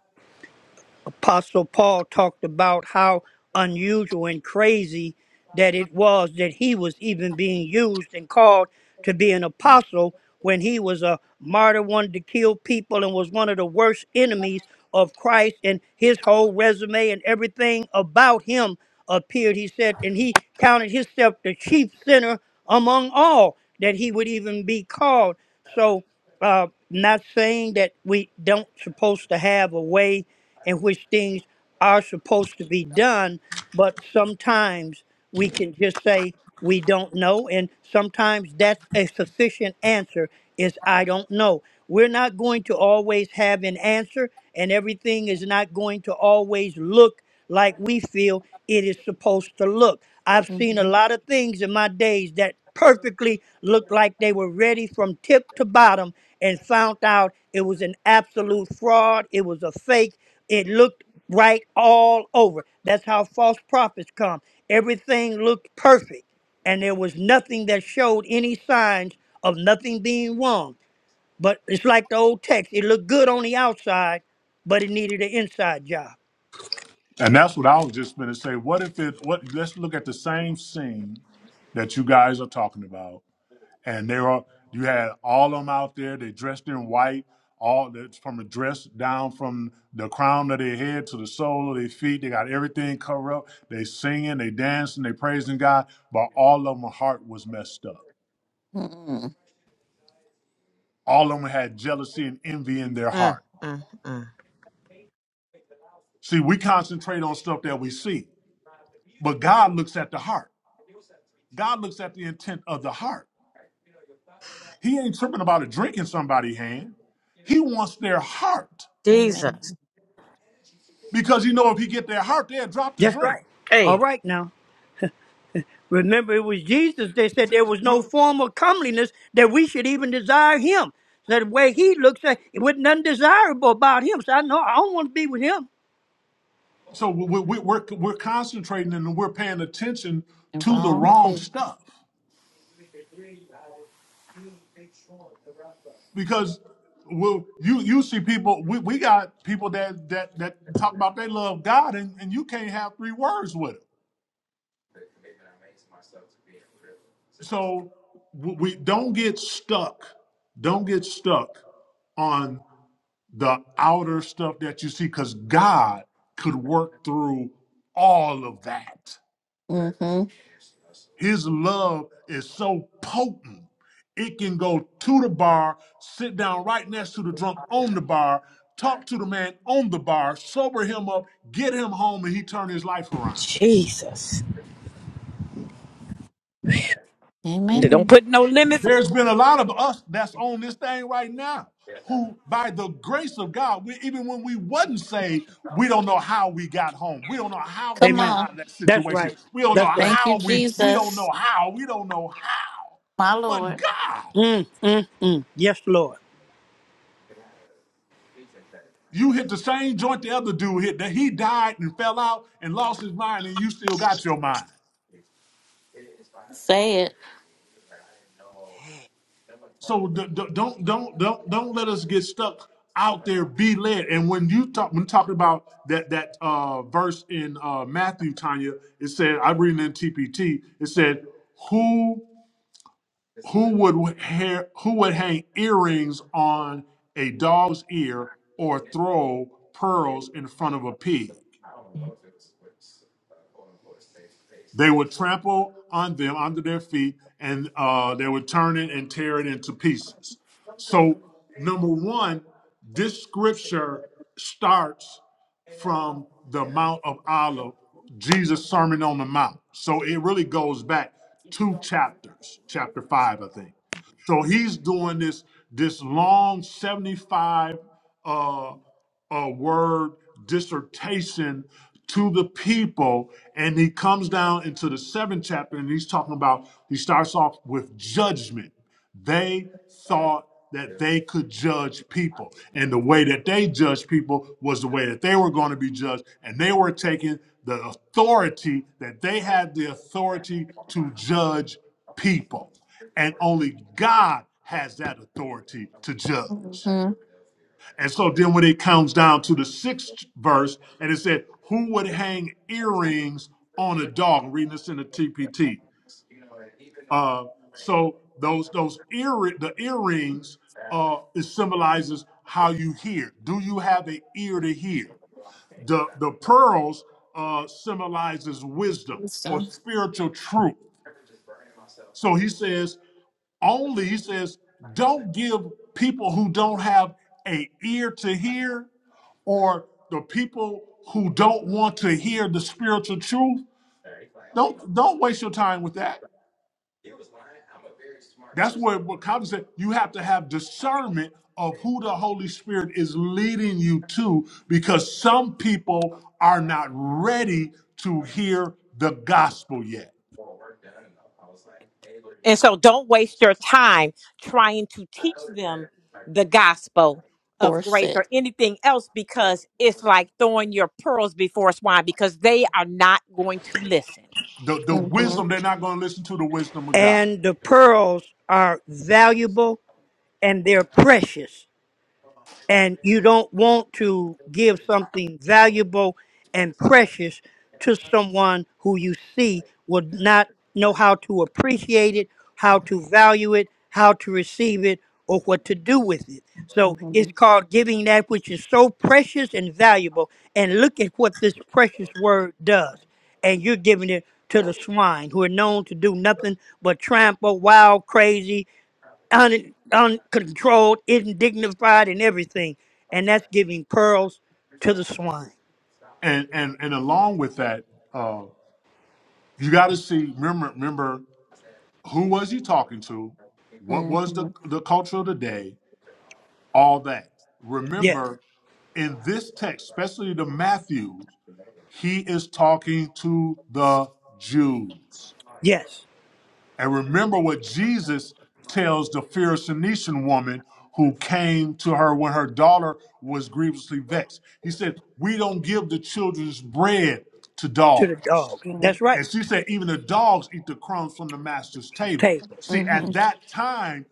H: Apostle Paul talked about how unusual and crazy that it was that he was even being used and called to be an apostle when he was a martyr, wanted to kill people, and was one of the worst enemies of Christ. And his whole resume and everything about him appeared, he said, and he counted himself the chief sinner among all that he would even be called. So, uh, not saying that we don't supposed to have a way in which things are supposed to be done, but sometimes we can just say we don't know, and sometimes that's a sufficient answer is I don't know. We're not going to always have an answer, and everything is not going to always look like we feel it is supposed to look. I've seen a
E: hmm
H: lot of things in my days that perfectly looked like they were ready from tip to bottom and found out it was an absolute fraud, it was a fake, it looked right all over. That's how false prophets come. Everything looked perfect, and there was nothing that showed any signs of nothing being wrong. But it's like the old text it looked good on the outside, but it needed an inside job.
C: And that's what I was just going to say. What if it, what, let's look at the same scene that you guys are talking about and they were you had all of them out there. They dressed in white, all that's from the dress down from the crown of their head to the sole of their feet. They got everything covered up. They singing, they dancing, they praising God, but all of them heart was messed up.
E: mm
C: All of them had jealousy and envy in their heart. See, we concentrate on stuff that we see, but God looks at the heart. God looks at the intent of the heart. He ain't tripping about a drink in somebody's hand. He wants their heart
E: Amen.
C: because he know if he get their heart, they'll drop the
H: Just
C: drink.
H: right. All right now. Remember, it was Jesus They said there was no
C: we're,
H: form of comeliness that we should even desire him. So the way he looks, uh, it wasn't nothing desirable about him. So I know I don't want to be with him.
C: so we, we, we're we're concentrating and we're paying attention
E: And
C: to the
E: Wrong.
C: wrong stuff because we'll, you you see people we, we got people that that that talk about they love God and, and you can't have three words with it. So we we don't get stuck, don't get stuck on the outer stuff that you see because God could work through all of that.
E: hmm
C: His love is so potent, it can go to the bar, sit down right next to the drunk on the bar, talk to the man on the bar, sober him up, get him home, and he turn his life around.
E: Amen.
C: There's been a lot of us that's on this thing right now who, by the grace of God, we, even when we wasn't saved, we don't know how we got home. We don't know how we
E: Come
C: got
H: Amen.
E: on.
C: out of that
H: That's
C: situation.
H: right.
C: We don't know
H: That's right.
E: Thank you,
C: how we, we don't
E: Jesus,
C: know how, we don't know how.
E: my
C: But
E: Lord.
C: God.
H: Mm, mm, mm. Yes, Lord.
C: You hit the same joint the other dude hit that he died and fell out and lost his mind, and you still got your mind.
E: Say it.
C: So d- d- don't don't don't don't let us get stuck out there. Be led. And when you talk when talking about that that uh, verse in uh, Matthew, Tanya, it said I'm reading in TPT. It said who who would hair, who would hang earrings on a dog's ear or throw pearls in front of a pig. They would trample on them under their feet, and uh, they would turn it and tear it into pieces. So, number one, this scripture starts from the Mount of Olives, Jesus' Sermon on the Mount. So it really goes back two chapters, chapter five, I think. So he's doing this this long seventy five. Uh, a word dissertation to the people. And he comes down into the seventh chapter and he's talking about, he starts off with judgment. They thought that they could judge people. And the way that they judged people was the way that they were going to be judged. And they were taking the authority that they had the authority to judge people. And only God has that authority to judge.
E: Mm-hmm.
C: And so then when it comes down to the sixth verse, and it said, Who would hang earrings on a dog? I'm reading this in the TPT. Uh, so those those ear the earrings uh it symbolizes how you hear. Do you have an ear to hear? The the pearls uh symbolizes wisdom or
E: So
C: spiritual truth. So he says, only, he says, don't give people who don't have a ear to hear or the people who don't want to hear the spiritual truth. Don't don't waste your time with that. That's what what Calvin said, you have to have discernment of who the Holy Spirit is leading you to, because some people are not ready to hear the gospel yet.
E: force it.
C: The, the
E: Mm-hmm.
C: wisdom, they're not going to listen to the wisdom of God.
H: And the pearls are valuable and they're precious. and you don't want to give something valuable and precious to someone who you see would not know how to appreciate it, how to value it, how to receive it, or what to do with it. So
E: Mm-hmm.
H: it's called giving that which is so precious and valuable. And look at what this precious word does. And you're giving it to the swine who are known to do nothing but trample wild, crazy, un, uncontrolled, indignified, and everything. And that's giving pearls to the swine.
C: and and and along with that, uh, you got to see. Remember, remember who was he talking to? What was the the culture of the day? All that.
H: Yes,
C: Remember, in this text, especially the Matthews, he is talking to the Jews.
H: yes,
C: And remember what Jesus tells the Pharisee woman who came to her when her daughter was grievously vexed. He said, "We don't give the children's bread to
H: to the
C: dogs."
H: dogs.
E: Mm-hmm.
H: That's right.
C: And she said, even the dogs eat the crumbs from the master's
H: The
C: table.
H: table.
C: See,
E: Mm-hmm.
C: at that time,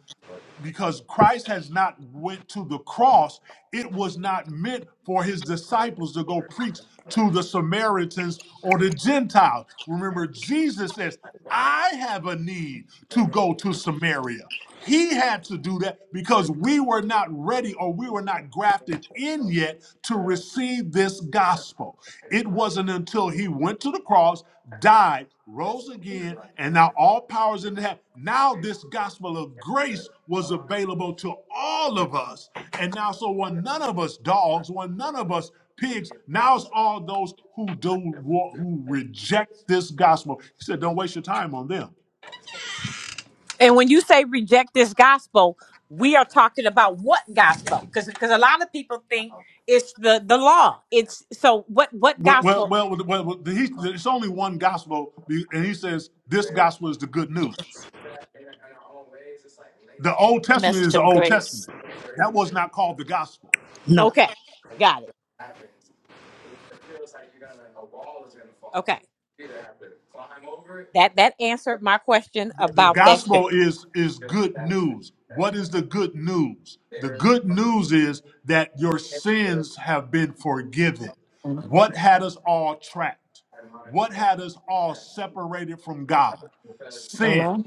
C: because Christ has not went to the cross, it was not meant for his disciples to go preach to the Samaritans or the Gentiles. Remember, Jesus says, I have a need to go to Samaria. He had to do that because we were not ready or we were not grafted in yet to receive this gospel. It wasn't until he went to the cross, died, rose again, and now all powers in heaven. Now this gospel of grace was available to all of us. And now, so when none of us dogs, when none of us pigs, now it's all those who do who reject this gospel. He said, "Don't waste your time on them." Well, well, well, well, well he, it's only one gospel, and he says this gospel is the good news. The Old Testament
E: Message
C: is the
E: of
C: Old
E: grace.
C: Testament. That was not called the gospel.
H: No.
C: The, the gospel is is good news. What is the good news? The good news is that your sins have been forgiven.
E: hmm
C: What had us all trapped? What had us all separated from God? Sin.
E: Hello?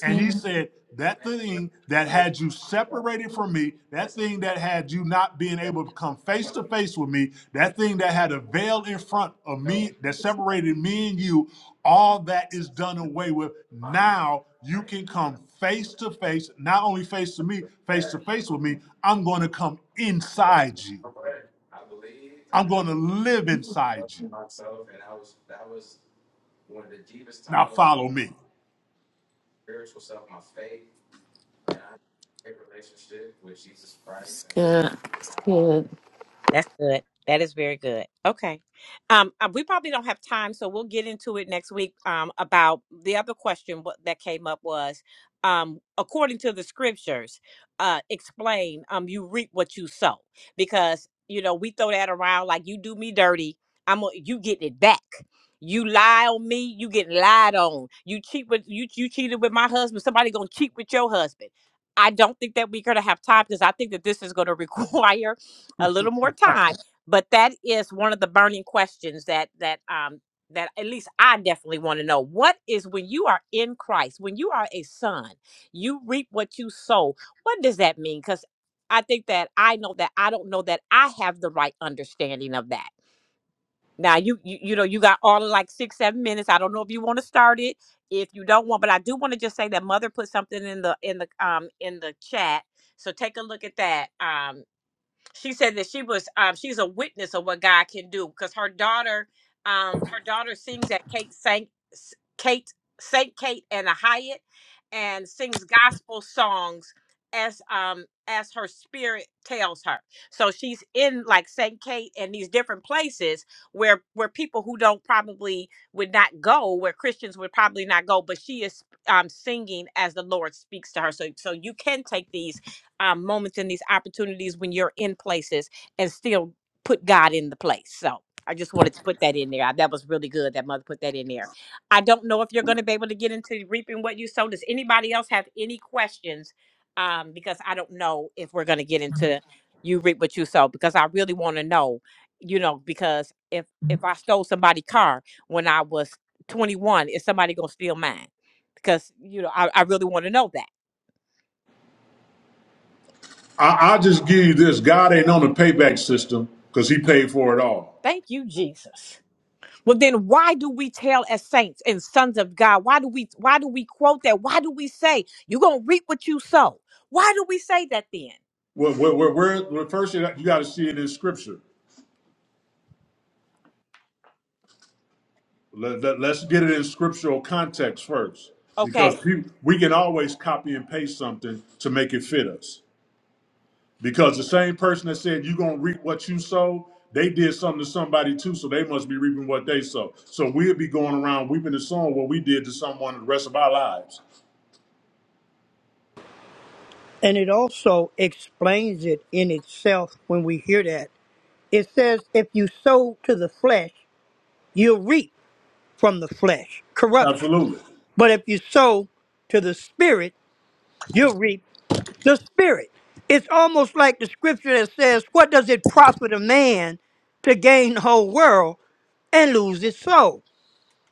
C: And he said, That thing that had you separated from me, that thing that had you not being able to come face to face with me, that thing that had a veil in front of me that separated me and you, all that is done away with. Now you can come face to face, not only face to me, face to face with me. I'm going to come inside you, I'm going to live inside you. Now follow me.
E: It's good. It's good.
C: I, I'll just give you this God ain't on the payback system because he paid for it all. Well, well, well, we're, well first you got to see it in scripture. Let, let, us get it in scriptural context first, because pe- we can always copy and paste something to make it fit us. Because the same person that said you're gonna reap what you sow, they did something to somebody too, so they must be reaping what they sow. So we'll be going around weeping and sowing what we did to someone the rest of our lives.
H: And it also explains it in itself when we hear that. It says, if you sow to the flesh, you'll reap from the flesh corruption.
C: Absolutely.
H: But if you sow to the spirit, you'll reap the spirit. It's almost like the scripture that says, What does it profit a man to gain the whole world and lose his soul?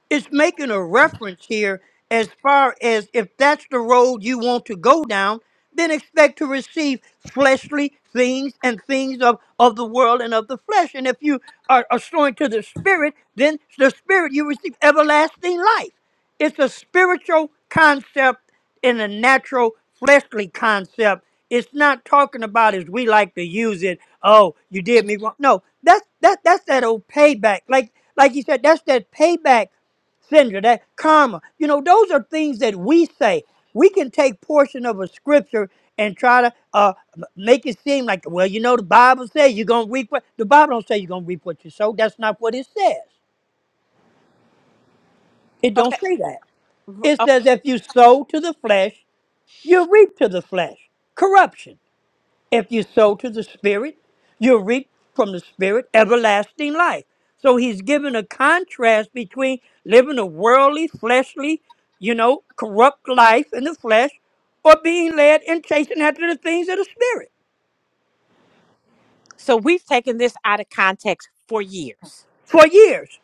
H: it's making a reference here as far as if that's the road you want to go down, then expect to receive fleshly things and things of, of the world and of the flesh. And if you are, are sowing to the spirit, then the spirit you receive everlasting life. It's a spiritual concept in a natural fleshly concept. It's not talking about as we like to use it. Oh, you did me wrong. No, that's that that's that old payback. Like like you said, that's that payback Sandra, that karma. You know, those are things that we say. We can take portion of a scripture and try to uh, m- make it seem like, well, you know, the Bible says you're gonna reap what the Bible don't say you're gonna reap what you sow. That's not what it says. It don't say that. It says if you sow to the flesh, you reap to the flesh. Corruption. If you sow to the Spirit, you'll reap from the Spirit everlasting life. So he's given a contrast between living a worldly, fleshly, you know, corrupt life in the flesh or being led and chasing after the things of the Spirit for years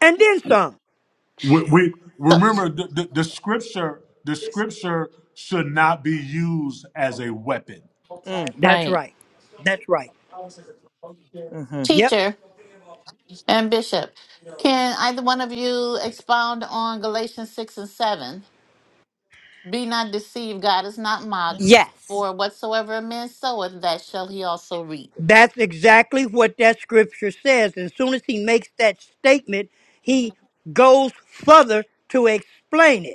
H: and then some.
C: We, we
E: So,
C: remember the, the, the scripture. The scripture should not be used as a weapon.
H: That's
E: right.
H: right. That's right. Yep.
E: Teacher and bishop, can either one of you expound on Galatians 6 and 7? Be not deceived, God is not mocked, for whatsoever a man soweth, that shall he also reap.
H: That's exactly what that scripture says. As soon as he makes that statement,
E: Mhm.
H: he goes further to explain it.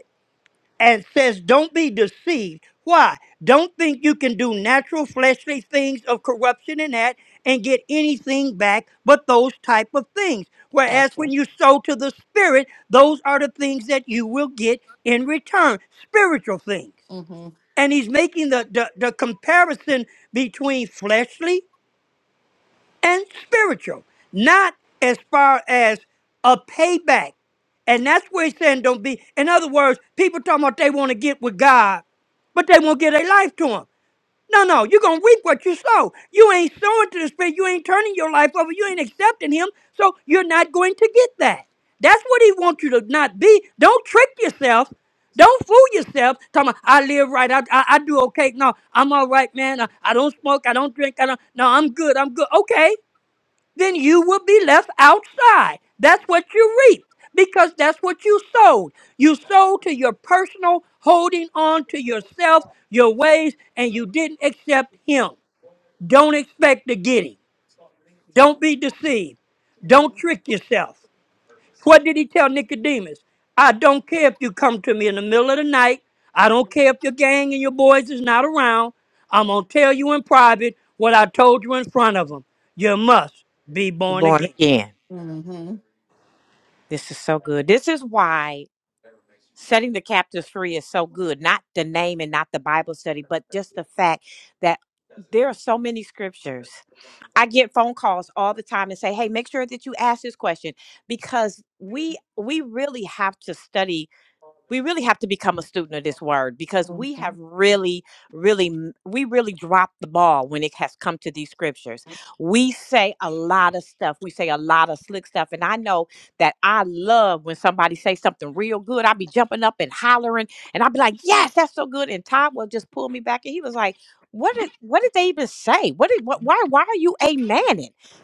H: and says, Don't be deceived. Why? Don't think you can do natural fleshly things of corruption and that and get anything back but those type of things. Whereas
E: Gotcha.
H: when you sow to the spirit, those are the things that you will get in return, spiritual things.
E: Mm-hmm.
H: And he's making the, the, the comparison between fleshly and spiritual, not as far as a payback. And that's where he's saying don't be. In other words, people talking about they want to get with God, but they won't give their life to him. No, no, you're gonna reap what you sow. You ain't sowing to the spirit, you ain't turning your life over, you ain't accepting him, so you're not going to get that. That's what he wants you to not be. Don't trick yourself. Don't fool yourself. Talking about, I live right. I, I, I do okay. No, I'm all right, man. I, I don't smoke. I don't drink. I don't. No, I'm good. I'm good. Okay then you will be left outside. That's what you reaped because that's what you sowed. You sold to your personal holding on to yourself, your ways, and you didn't accept Him. Don't expect to get Him. Don't be deceived. Don't trick yourself. What did He tell Nicodemus? I don't care if you come to me in the middle of the night. I don't care if your gang and your boys is not around. I'm going to tell you in private what I told you in front of them. You must be born again.
E: Mm-hmm. Mm-hmm.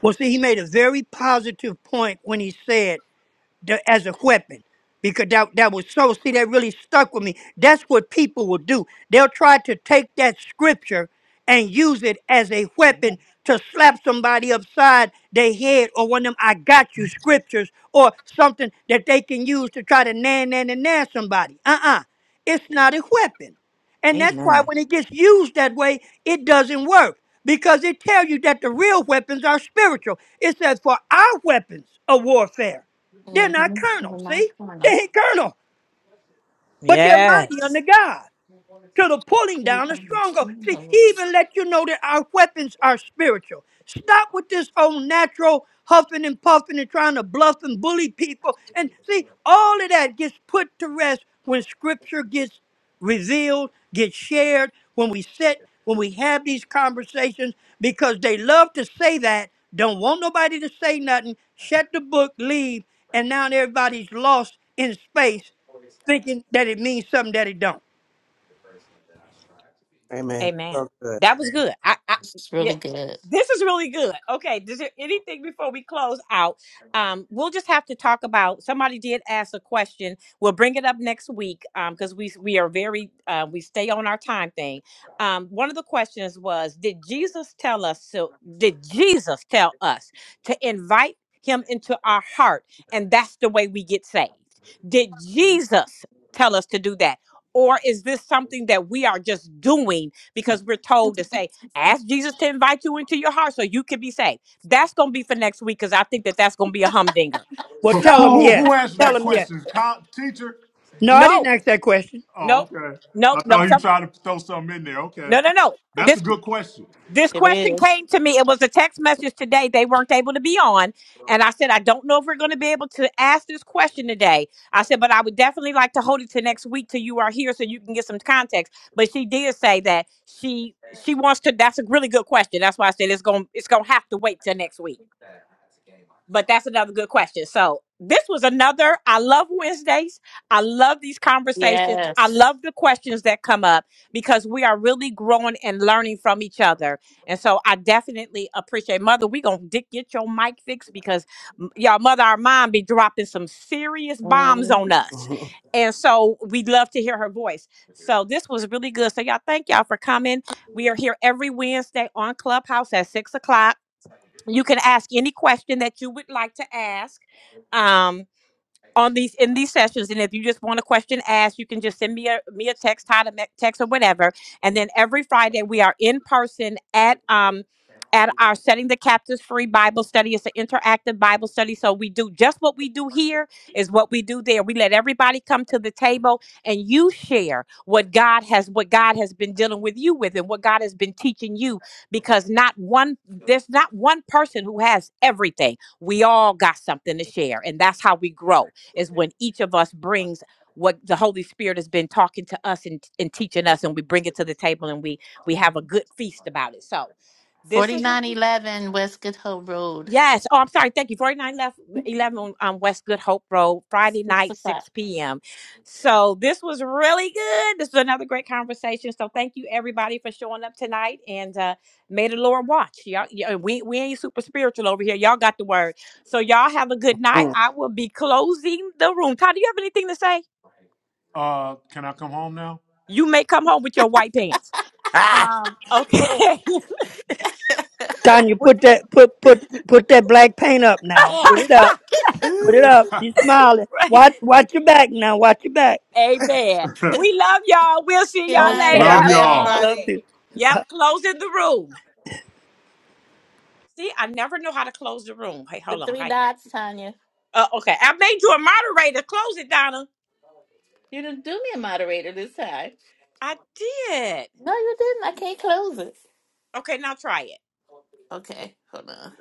H: Well, see, he made a very positive point when he said the, as a weapon because that, that was so see that really stuck with me that's what people will do they'll try to take that scripture and use it as a weapon to slap somebody upside their head or one of them i got you scriptures or something that they can use to try to nan nan and nan somebody uh-uh it's not a weapon and that's why when it gets used that way, it doesn't work because it tells you that the real weapons are spiritual. It says, for our weapons of warfare. They're not carnal,
E: Mm-hmm. My
H: see? They
E: corner.
H: ain't carnal, but they're mighty under God to the pulling down of strongholds. See, he even let you know that our weapons are spiritual. Stop with this old natural huffing and puffing and trying to bluff and bully people. And see, all of that gets put to rest when scripture gets revealed, gets shared, when we sit, when we have these conversations, because they love to say that, don't want nobody to say nothing, shut the book, leave, and now everybody's lost in space thinking that it means something that it don't.
G: Amen. So good.
E: It's really good.
H: Well,
C: Who,
H: tell them
C: who, who
H: yes.
C: answered
H: Tell
C: that
H: them yes.
C: question? Col- teacher?
H: No, I didn't ask that question.
C: Oh, okay. I thought you tried to throw something in there. Okay. That's a good question.
E: It is. Yes. Mm-hmm. Forty-nine eleven West Good Hope Road. Six o'clock.
C: Uh, can I come home now?
G: ah!
H: Tanya, put that put put put that black paint up now. Put it up. Put it up. She's smiling. Watch watch your back now. Watch your back.
E: Good night.
H: Okay.
G: Bye,
E: Love
C: Love
E: you
C: y'all.
E: all.
H: Love
G: everybody.
H: you.
E: The three dots, Tanya. You didn't do me a moderator this time. No, you didn't. I can't close it. Okay, hold on.